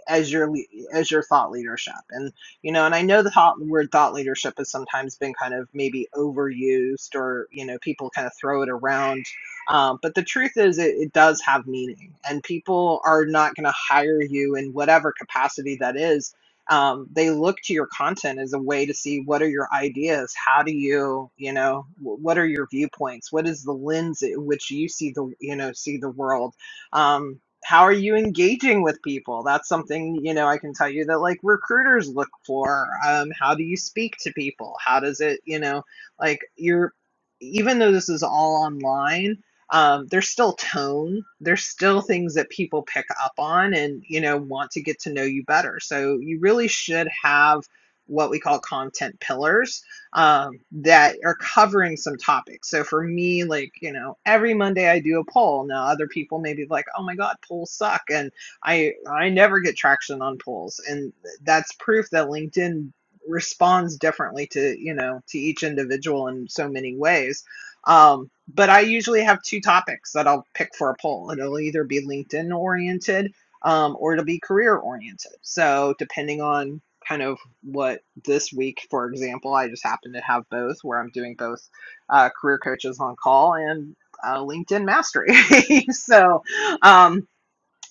C: as your as your thought leadership and you know and i know the thought, word thought leadership has sometimes been kind of maybe overused or you know people kind of throw it around um, but the truth is it, it does have meaning and people are not going to hire you in whatever capacity that is um, they look to your content as a way to see what are your ideas how do you you know wh- what are your viewpoints what is the lens in which you see the you know see the world um, how are you engaging with people that's something you know i can tell you that like recruiters look for um, how do you speak to people how does it you know like you're even though this is all online um, there's still tone there's still things that people pick up on and you know want to get to know you better so you really should have what we call content pillars um, that are covering some topics. So for me, like, you know, every Monday I do a poll. Now other people may be like, oh my God, polls suck. And I I never get traction on polls. And that's proof that LinkedIn responds differently to, you know, to each individual in so many ways. Um, but I usually have two topics that I'll pick for a poll. It'll either be LinkedIn oriented um, or it'll be career oriented. So depending on kind of what this week, for example, I just happen to have both where I'm doing both uh, career coaches on call and uh, LinkedIn mastery. so, um,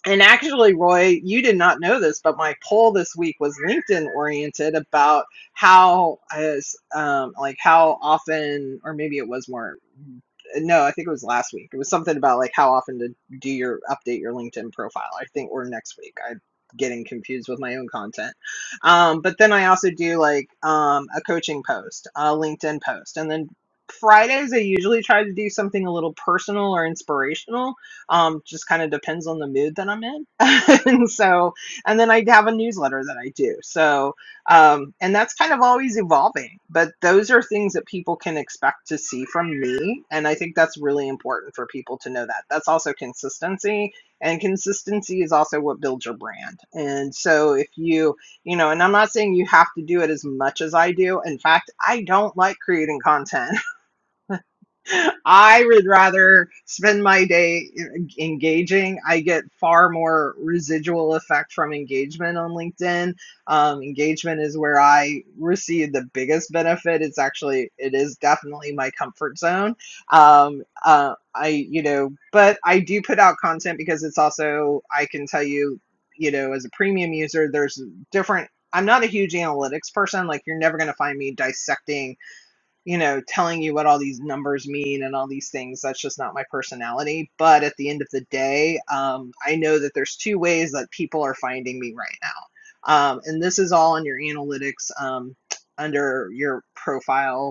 C: and actually, Roy, you did not know this, but my poll this week was LinkedIn oriented about how, as, um, like, how often, or maybe it was more no, I think it was last week. It was something about like how often to do your update your LinkedIn profile. I think or next week. I'm getting confused with my own content. Um, but then I also do like um, a coaching post, a LinkedIn post, and then Fridays I usually try to do something a little personal or inspirational. Um, just kind of depends on the mood that I'm in. and so, and then I have a newsletter that I do. So um, and that's kind of always evolving, but those are things that people can expect to see from me. And I think that's really important for people to know that. That's also consistency. And consistency is also what builds your brand. And so if you, you know, and I'm not saying you have to do it as much as I do. In fact, I don't like creating content. I would rather spend my day en- engaging. I get far more residual effect from engagement on LinkedIn. Um, engagement is where I receive the biggest benefit. It's actually, it is definitely my comfort zone. Um, uh, I, you know, but I do put out content because it's also, I can tell you, you know, as a premium user, there's different. I'm not a huge analytics person. Like, you're never going to find me dissecting you know, telling you what all these numbers mean and all these things. That's just not my personality. But at the end of the day, um, I know that there's two ways that people are finding me right now. Um, and this is all in your analytics um, under your profile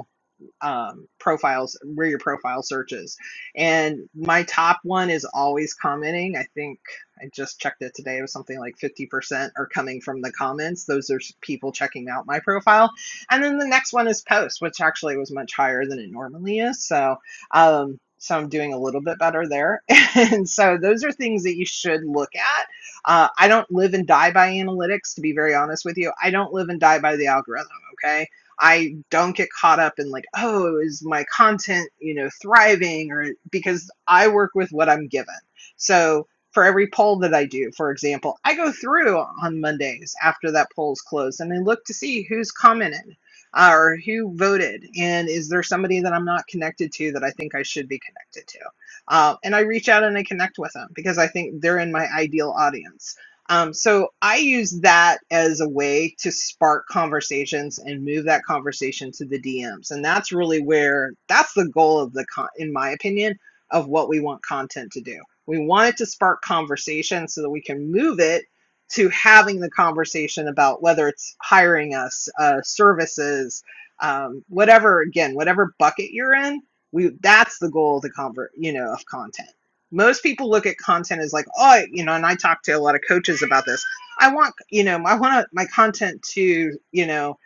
C: um, profiles where your profile search is and my top one is always commenting i think i just checked it today it was something like 50% are coming from the comments those are people checking out my profile and then the next one is post which actually was much higher than it normally is so um, so i'm doing a little bit better there and so those are things that you should look at uh, I don't live and die by analytics, to be very honest with you. I don't live and die by the algorithm. Okay. I don't get caught up in like, oh, is my content, you know, thriving or because I work with what I'm given. So for every poll that I do, for example, I go through on Mondays after that poll's closed and I look to see who's commented uh, or who voted and is there somebody that I'm not connected to that I think I should be connected to. Uh, and I reach out and I connect with them because I think they're in my ideal audience. Um, so I use that as a way to spark conversations and move that conversation to the DMs, and that's really where that's the goal of the con- in my opinion of what we want content to do. We want it to spark conversation so that we can move it to having the conversation about whether it's hiring us, uh, services, um, whatever. Again, whatever bucket you're in, we that's the goal of the convert you know of content most people look at content as like oh you know and i talk to a lot of coaches about this i want you know i want my content to you know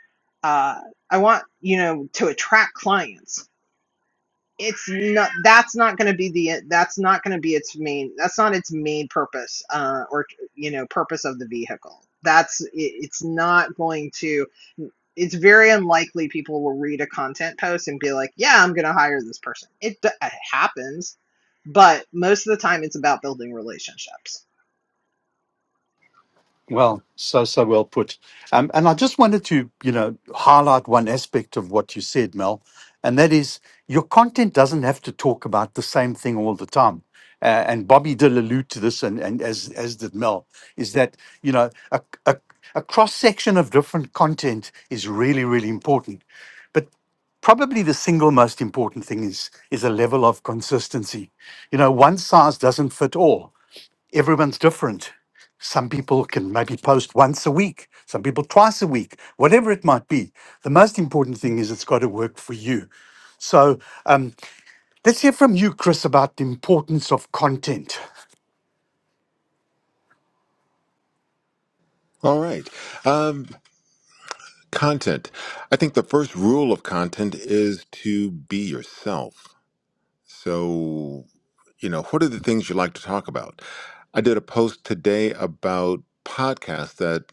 C: uh, i want you know to attract clients it's not that's not going to be the that's not going to be its main that's not its main purpose uh or you know purpose of the vehicle that's it, it's not going to it's very unlikely people will read a content post and be like yeah i'm going to hire this person it, it happens but most of the time it's about building relationships
A: Well, so so well put. Um, and I just wanted to, you know, highlight one aspect of what you said, Mel, and that is your content doesn't have to talk about the same thing all the time. Uh, and Bobby did allude to this, and, and as as did Mel, is that you know a, a a cross section of different content is really really important, but probably the single most important thing is is a level of consistency. You know, one size doesn't fit all everyone's different. Some people can maybe post once a week, some people twice a week, whatever it might be. The most important thing is it's got to work for you. So um, let's hear from you, Chris, about the importance of content.
B: All right. Um, content. I think the first rule of content is to be yourself. So, you know, what are the things you like to talk about? I did a post today about podcasts that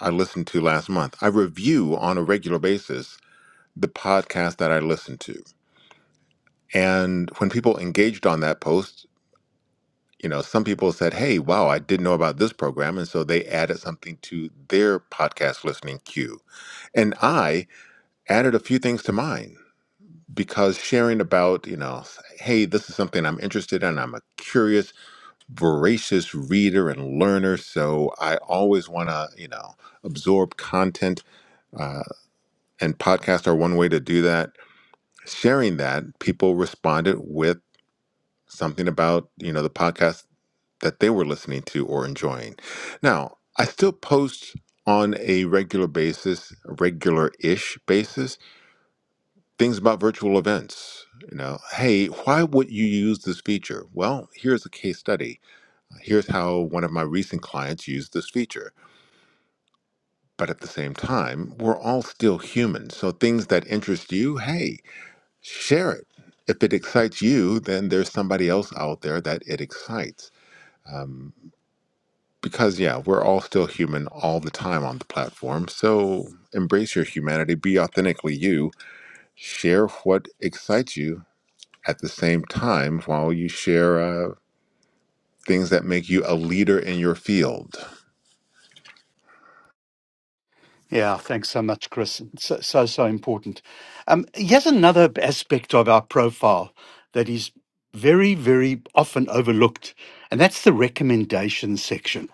B: I listened to last month. I review on a regular basis the podcast that I listen to. And when people engaged on that post, you know, some people said, "Hey, wow, I didn't know about this program," and so they added something to their podcast listening queue. And I added a few things to mine because sharing about, you know, hey, this is something I'm interested in. I'm a curious, voracious reader and learner, so I always want to, you know, absorb content. Uh, and podcasts are one way to do that. Sharing that, people responded with something about, you know, the podcast that they were listening to or enjoying. Now, I still post on a regular basis, regular ish basis, things about virtual events. You know, hey, why would you use this feature? Well, here's a case study. Here's how one of my recent clients used this feature. But at the same time, we're all still human. So things that interest you, hey, share it. If it excites you, then there's somebody else out there that it excites. Um, because yeah, we're all still human all the time on the platform. So embrace your humanity, be authentically you, share what excites you at the same time while you share uh, things that make you a leader in your field.
A: Yeah, thanks so much, Chris. So, so, so important. Um, here's another aspect of our profile that is very, very often overlooked, and that's the recommendation section.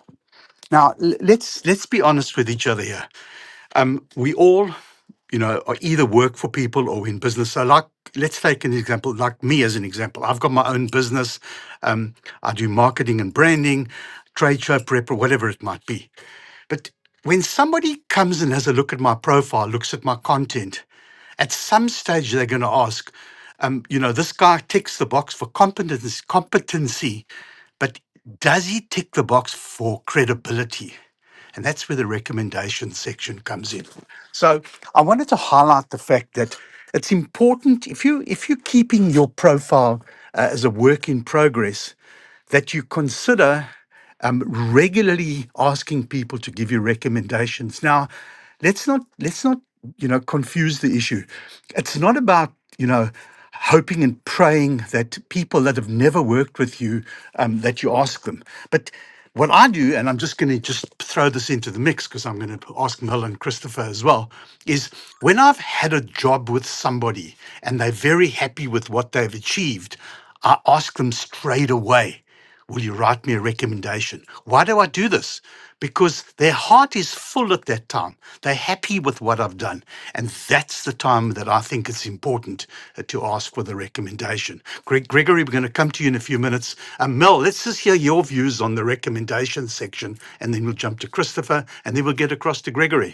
A: Now, l- let's let's be honest with each other here. we all, you know, are either work for people or in business. So, like, let's take an example, like me as an example. I've got my own business. Um, I do marketing and branding, trade show prep, or whatever it might be. But when somebody comes and has a look at my profile, looks at my content, at some stage they're going to ask, um, you know, this guy ticks the box for competency, competency. But does he tick the box for credibility? And that's where the recommendation section comes in. So I wanted to highlight the fact that it's important if you if you're keeping your profile uh, as a work in progress, that you consider um, regularly asking people to give you recommendations. Now, let's not let's not you know confuse the issue. It's not about you know hoping and praying that people that have never worked with you um, that you ask them, but what I do, and I'm just going to just throw this into the mix because I'm going to ask Mel and Christopher as well, is when I've had a job with somebody and they're very happy with what they've achieved, I ask them straight away. Will you write me a recommendation? Why do I do this? Because their heart is full at that time. They're happy with what I've done. And that's the time that I think it's important uh, to ask for the recommendation. Greg, Gregory, we're going to come to you in a few minutes. Uh, Mel, let's just hear your views on the recommendation section, and then we'll jump to Christopher, and then we'll get across to Gregory.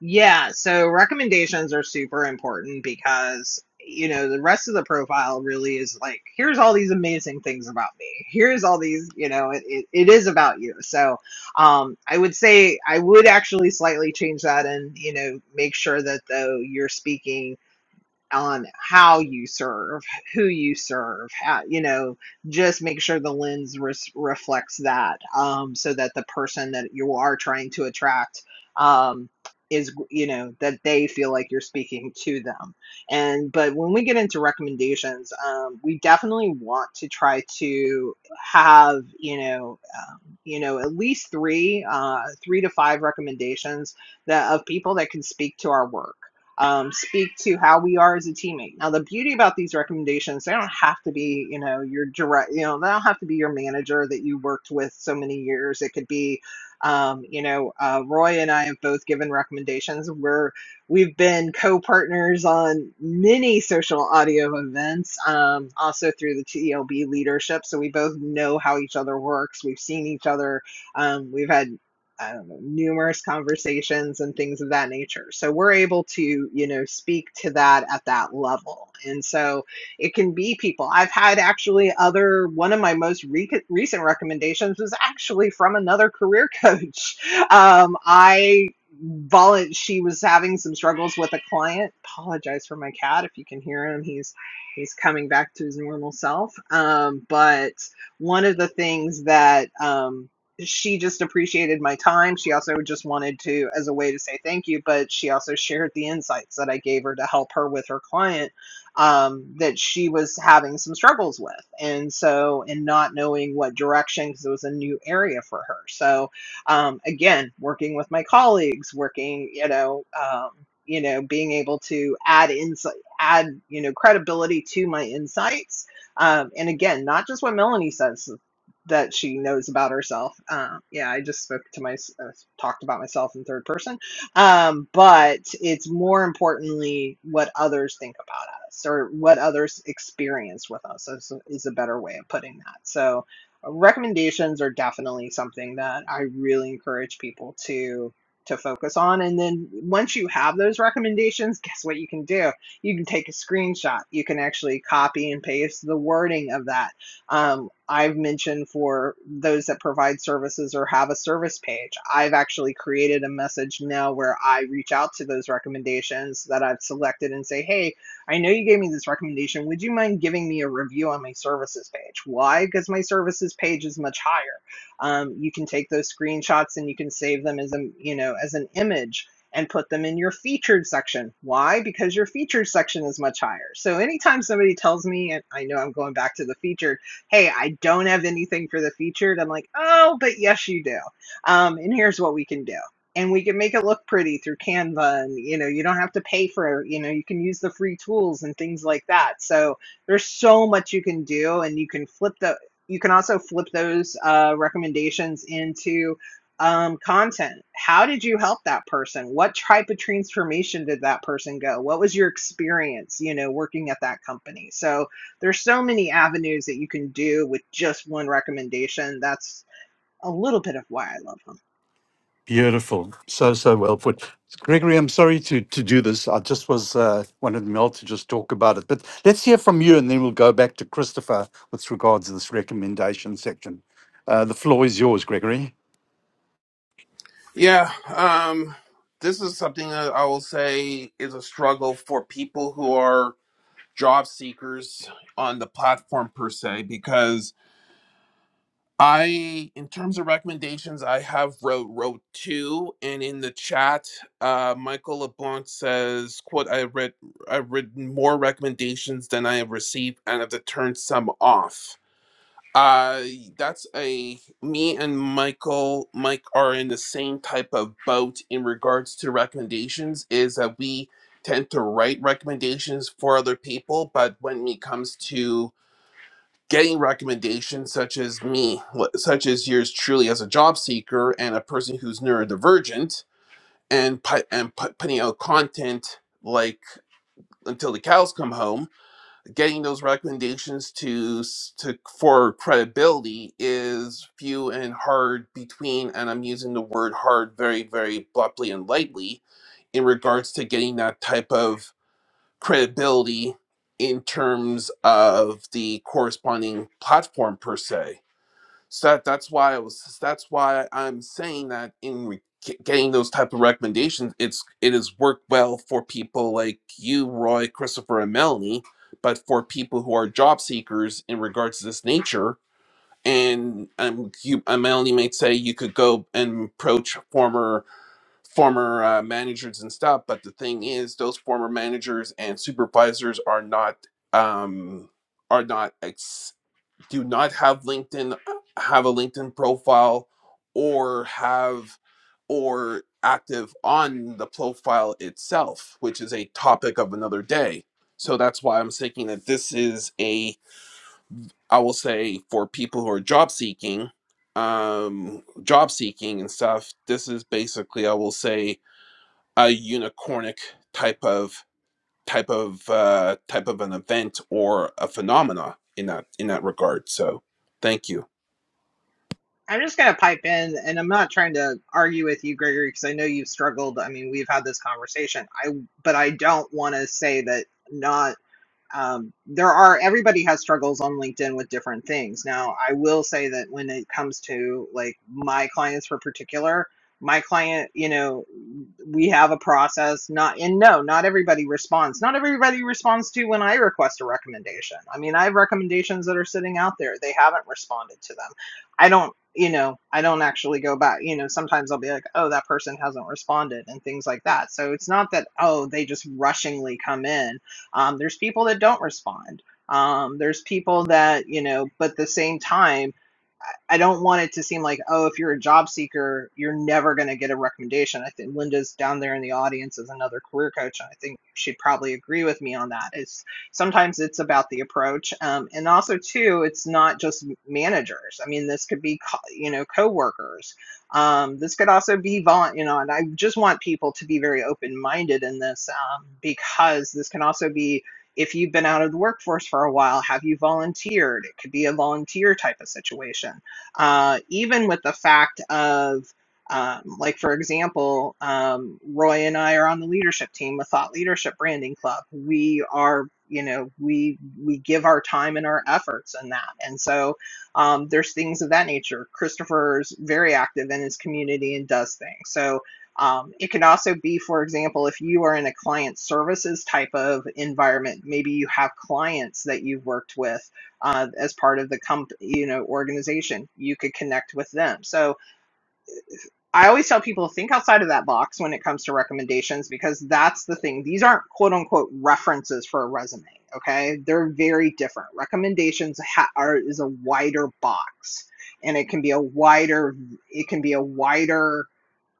C: Yeah, so recommendations are super important because, you know, the rest of the profile really is like, here's all these amazing things about me. Here's all these, you know, it, it, it is about you. So um, I would say I would actually slightly change that and, you know, make sure that though you're speaking on how you serve, who you serve, how, you know, just make sure the lens res- reflects that um, so that the person that you are trying to attract um, is, you know, that they feel like you're speaking to them. And, but when we get into recommendations, um, we definitely want to try to have, you know, um, you know, at least three, uh, three to five recommendations that of people that can speak to our work um, speak to how we are as a teammate. Now, the beauty about these recommendations, they don't have to be, you know, your direct, you know, they don't have to be your manager that you worked with so many years. It could be, um, you know, uh, Roy and I have both given recommendations where we've been co-partners on many social audio events, um, also through the TELB leadership. So we both know how each other works. We've seen each other. Um, we've had I don't know, numerous conversations and things of that nature. So we're able to, you know, speak to that at that level. And so it can be people. I've had actually other, one of my most re- recent recommendations was actually from another career coach. Um, I, volu- she was having some struggles with a client. Apologize for my cat if you can hear him. He's, he's coming back to his normal self. Um, but one of the things that, um, she just appreciated my time. She also just wanted to, as a way to say thank you, but she also shared the insights that I gave her to help her with her client um, that she was having some struggles with. And so, and not knowing what direction, because it was a new area for her. So, um, again, working with my colleagues, working, you know, um, you know, being able to add insight, add, you know, credibility to my insights um, and again, not just what Melanie says that she knows about herself. Uh, yeah, I just spoke to my uh, talked about myself in third person, um, but it's more importantly what others think about us or what others experience with us is, is a better way of putting that. So uh, recommendations are definitely something that I really encourage people to to focus on and then once you have those recommendations guess what you can do you can take a screenshot you can actually copy and paste the wording of that um, I've mentioned for those that provide services or have a service page, I've actually created a message now where I reach out to those recommendations that I've selected and say, hey, I know you gave me this recommendation. Would you mind giving me a review on my services page? Why? Because my services page is much higher. Um, you can take those screenshots and you can save them as a you know as an image and put them in your featured section. Why? Because your featured section is much higher. So anytime somebody tells me, and I know I'm going back to the featured hey, I don't have anything for the featured. I'm like, oh, but yes, you do. Um, and here's what we can do. And we can make it look pretty through Canva, and you know, you don't have to pay for, you know, you can use the free tools and things like that. So there's so much you can do, and you can flip the, you can also flip those uh, recommendations into um, content. How did you help that person? What type of transformation did that person go? What was your experience, you know, working at that company? So there's so many avenues that you can do with just one recommendation. That's a little bit of why I love them.
A: Beautiful. So, so well put. Gregory, I'm sorry to, to do this. I just was uh, wanted Mel to just talk about it. But let's hear from you and then we'll go back to Christopher with regards to this recommendation section. Uh, the floor is yours, Gregory.
F: Yeah, um, this is something that I will say is a struggle for people who are job seekers on the platform per se, because I, in terms of recommendations, I have wrote wrote two, and in the chat, uh, Michael LeBlanc says, "quote I read I've written more recommendations than I have received, and have to turn some off." Uh, that's a me and Michael. Mike are in the same type of boat in regards to recommendations. Is that we tend to write recommendations for other people, but when it comes to getting recommendations, such as me, wh- such as yours truly as a job seeker and a person who's neurodivergent, and pu- and pu- putting out content like until the cows come home getting those recommendations to to for credibility is few and hard between and i'm using the word hard very very bluntly and lightly in regards to getting that type of credibility in terms of the corresponding platform per se so that, that's why I was. That's why I'm saying that in re- getting those type of recommendations, it's it has worked well for people like you, Roy, Christopher, and Melanie. But for people who are job seekers in regards to this nature, and um, you, uh, Melanie might say you could go and approach former former uh, managers and stuff. But the thing is, those former managers and supervisors are not um, are not do not have LinkedIn, have a LinkedIn profile, or have or active on the profile itself, which is a topic of another day. So that's why I'm thinking that this is a, I will say, for people who are job seeking, um, job seeking and stuff. This is basically, I will say, a unicornic type of type of uh, type of an event or a phenomena in that in that regard. So, thank you.
C: I'm just going to pipe in, and I'm not trying to argue with you, Gregory, because I know you've struggled. I mean, we've had this conversation. I, but I don't want to say that not um, there are everybody has struggles on linkedin with different things now i will say that when it comes to like my clients for particular my client you know we have a process not and no not everybody responds not everybody responds to when i request a recommendation i mean i have recommendations that are sitting out there they haven't responded to them i don't you know i don't actually go back you know sometimes i'll be like oh that person hasn't responded and things like that so it's not that oh they just rushingly come in um, there's people that don't respond. Um, there's people that, you know, but at the same time, I don't want it to seem like, oh, if you're a job seeker, you're never going to get a recommendation. I think Linda's down there in the audience as another career coach, and I think she'd probably agree with me on that. It's sometimes it's about the approach, um, and also too, it's not just managers. I mean, this could be co- you know coworkers. Um, this could also be vaunt, you know, and I just want people to be very open minded in this um, because this can also be if you've been out of the workforce for a while, have you volunteered? It could be a volunteer type of situation uh, even with the fact of, um, like, for example, um, Roy and I are on the leadership team with Thought Leadership Branding Club. We are, you know, we we give our time and our efforts in that, and so um, there's things of that nature. Christopher's very active in his community and does things. So um, it can also be, for example, if you are in a client services type of environment, maybe you have clients that you've worked with uh, as part of the comp, you know, organization. You could connect with them. So I always tell people think outside of that box when it comes to recommendations because that's the thing. These aren't quote unquote references for a resume. Okay, they're very different. Recommendations ha- are is a wider box, and it can be a wider it can be a wider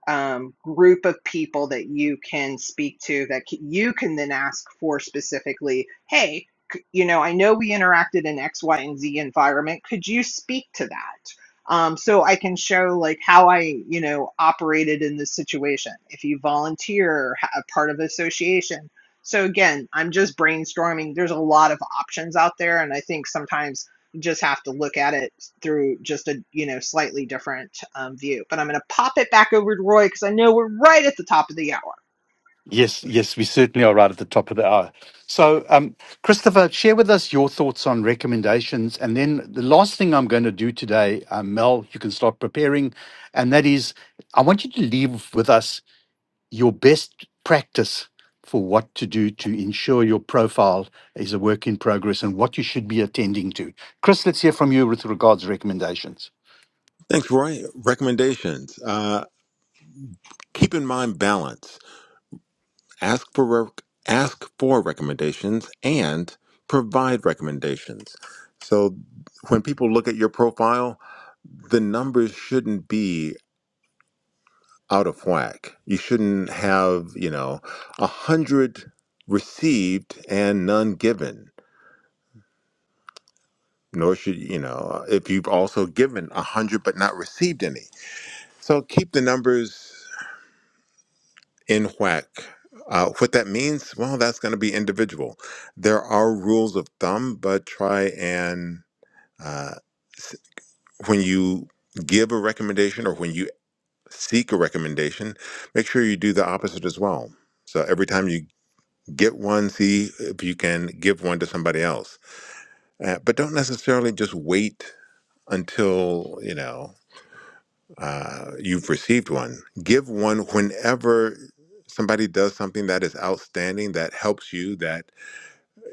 C: um, group of people that you can speak to that you can then ask for specifically, hey, you know, I know we interacted in X, Y, and Z environment. Could you speak to that? Um, so I can show like how I, you know, operated in this situation. If you volunteer, or ha- a part of association. So again, I'm just brainstorming. There's a lot of options out there, and I think sometimes you just have to look at it through just a you know slightly different um, view. But I'm going to pop it back over to Roy because I know we're right at the top of the hour.
A: Yes, yes, we certainly are right at the top of the hour. So, um, Christopher, share with us your thoughts on recommendations. And then the last thing I'm going to do today, um, Mel, you can start preparing. And that is, I want you to leave with us your best practice for what to do to ensure your profile is a work in progress and what you should be attending to. Chris, let's hear from you with regards to recommendations.
B: Thanks, Roy. Recommendations. Uh, keep in mind balance. Ask for rec- ask for recommendations and provide recommendations. So when people look at your profile, the numbers shouldn't be out of whack. You shouldn't have, you know, a hundred received and none given. Nor should you know if you've also given a hundred but not received any. So keep the numbers in whack. Uh, what that means, well, that's going to be individual. There are rules of thumb, but try and uh, s- when you give a recommendation or when you seek a recommendation, make sure you do the opposite as well. So every time you Get one, see if you can give one to somebody else. Uh, but don't necessarily just wait until, you know, uh, you've received one. Give one whenever somebody does something that is outstanding, that helps you, that,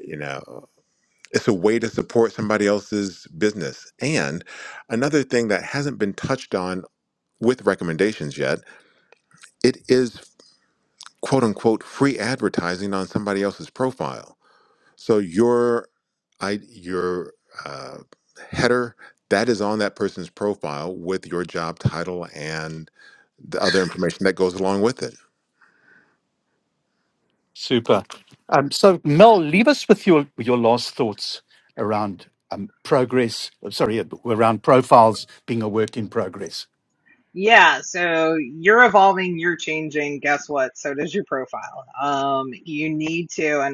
B: you know, it's a way to support somebody else's business. And another thing that hasn't been touched on with recommendations yet, it is quote unquote free advertising on somebody else's profile So your I your uh, header that is on that person's profile with your job title and the other information that goes along with it.
A: Super. Um, so, Mel, leave us with your your last thoughts around um, progress. uh, Sorry, uh, around profiles being a work in progress.
C: Yeah, so you're evolving, you're changing. Guess what? So does your profile. Um, you need to, and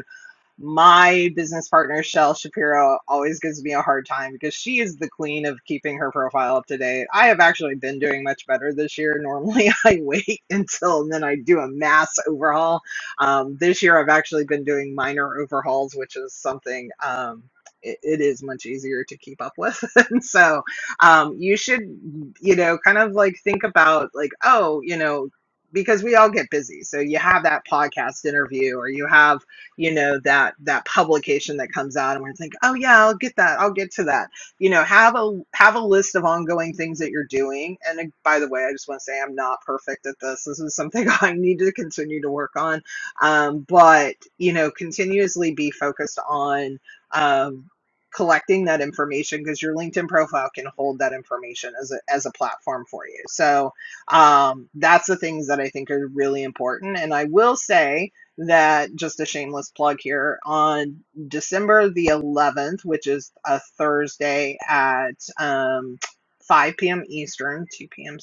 C: my business partner Shell Shapiro always gives me a hard time because she is the queen of keeping her profile up to date. I have actually been doing much better this year. Normally, I wait until and then I do a mass overhaul. Um, this year, I've actually been doing minor overhauls, which is something. Um, it, it is much easier to keep up with and so um, you should you know kind of like think about like oh you know because we all get busy so you have that podcast interview or you have you know that that publication that comes out and we're thinking oh yeah i'll get that i'll get to that you know have a have a list of ongoing things that you're doing and uh, by the way i just want to say i'm not perfect at this this is something i need to continue to work on um, but you know continuously be focused on um, collecting that information because your linkedin profile can hold that information as a, as a platform for you so um, that's the things that i think are really important and i will say that just a shameless plug here on December the 11th, which is a Thursday at um, 5 p.m. Eastern, 2 p.m.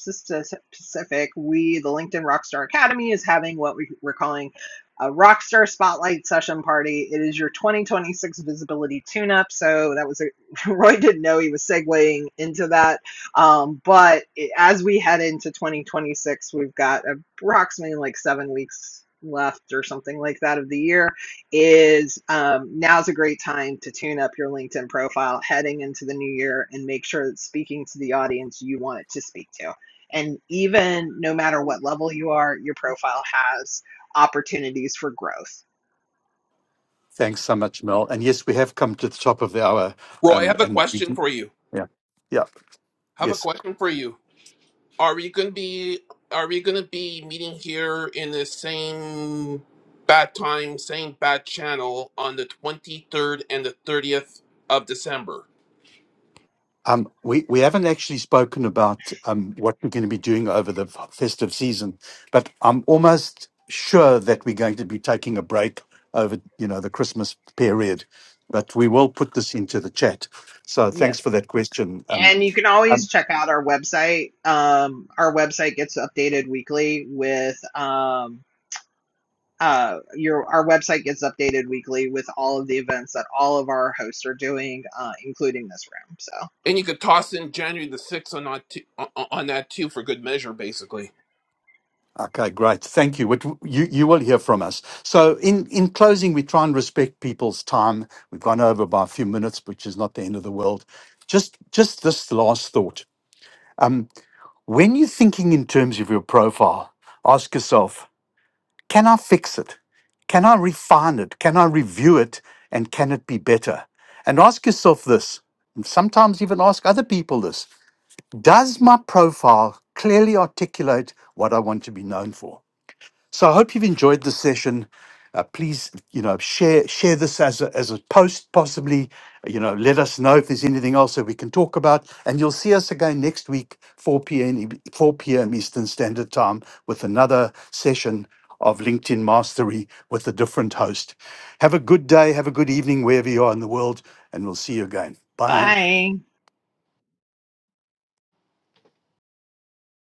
C: Pacific, we, the LinkedIn Rockstar Academy, is having what we- we're calling a Rockstar Spotlight Session Party. It is your 2026 visibility tune up. So that was a, Roy didn't know he was segueing into that um, but it, as we head into 2026, we've got approximately like seven weeks left or something like that of the year. Is um, now's a great time to tune up your LinkedIn profile heading into the new year and make sure it's speaking to the audience you want it to speak to. And even no matter what level you are, your profile has opportunities for growth.
A: Thanks so much, Mel. And yes, we have come to the top of the hour.
F: Roy, I
A: Um,
F: have a
A: and we
F: question
A: do-
F: for you.
A: yeah, yeah,
F: have a
A: yes.
F: question for you. Are we gonna be are we gonna be meeting here in the same bad time, same bad channel on the twenty third and the thirtieth of December?
A: Um, we, we haven't actually spoken about um, what we're going to be doing over the f- festive season, but I'm almost sure that we're going to be taking a break over, you know, the Christmas period. But we will put this into the chat. So
C: Yes.
A: thanks for that question. Um,
C: And you can always
A: um,
C: check out our website. Um, our website gets updated weekly with um, uh, your our website gets updated weekly with all of the events that all of our hosts are doing, uh, including this room. So
F: And you could toss in January the sixth on that too, on on that too for good measure, basically.
A: okay, great. Thank you. What w- you you will hear from us. So in in closing, we try and respect people's time. We've gone over by a few minutes, which is not the end of the world. Just just this last thought. Um, When you're thinking in terms of your profile, ask yourself can I fix it? Can I refine it? Can I review it? And can it be better? And ask yourself this, and sometimes even ask other people this Does my profile clearly articulate what I want to be known for? So I hope you've enjoyed this session. Uh, please, you know, share share this as a, as a post, possibly. You know, let us know if there's anything else that we can talk about, and you'll see us again next week, 4 p.m. E- 4 p.m. Eastern Standard Time, with another session of LinkedIn Mastery with a different host. Have a good day. Have a good evening wherever you are in the world, and we'll see you again. Bye.
C: bye.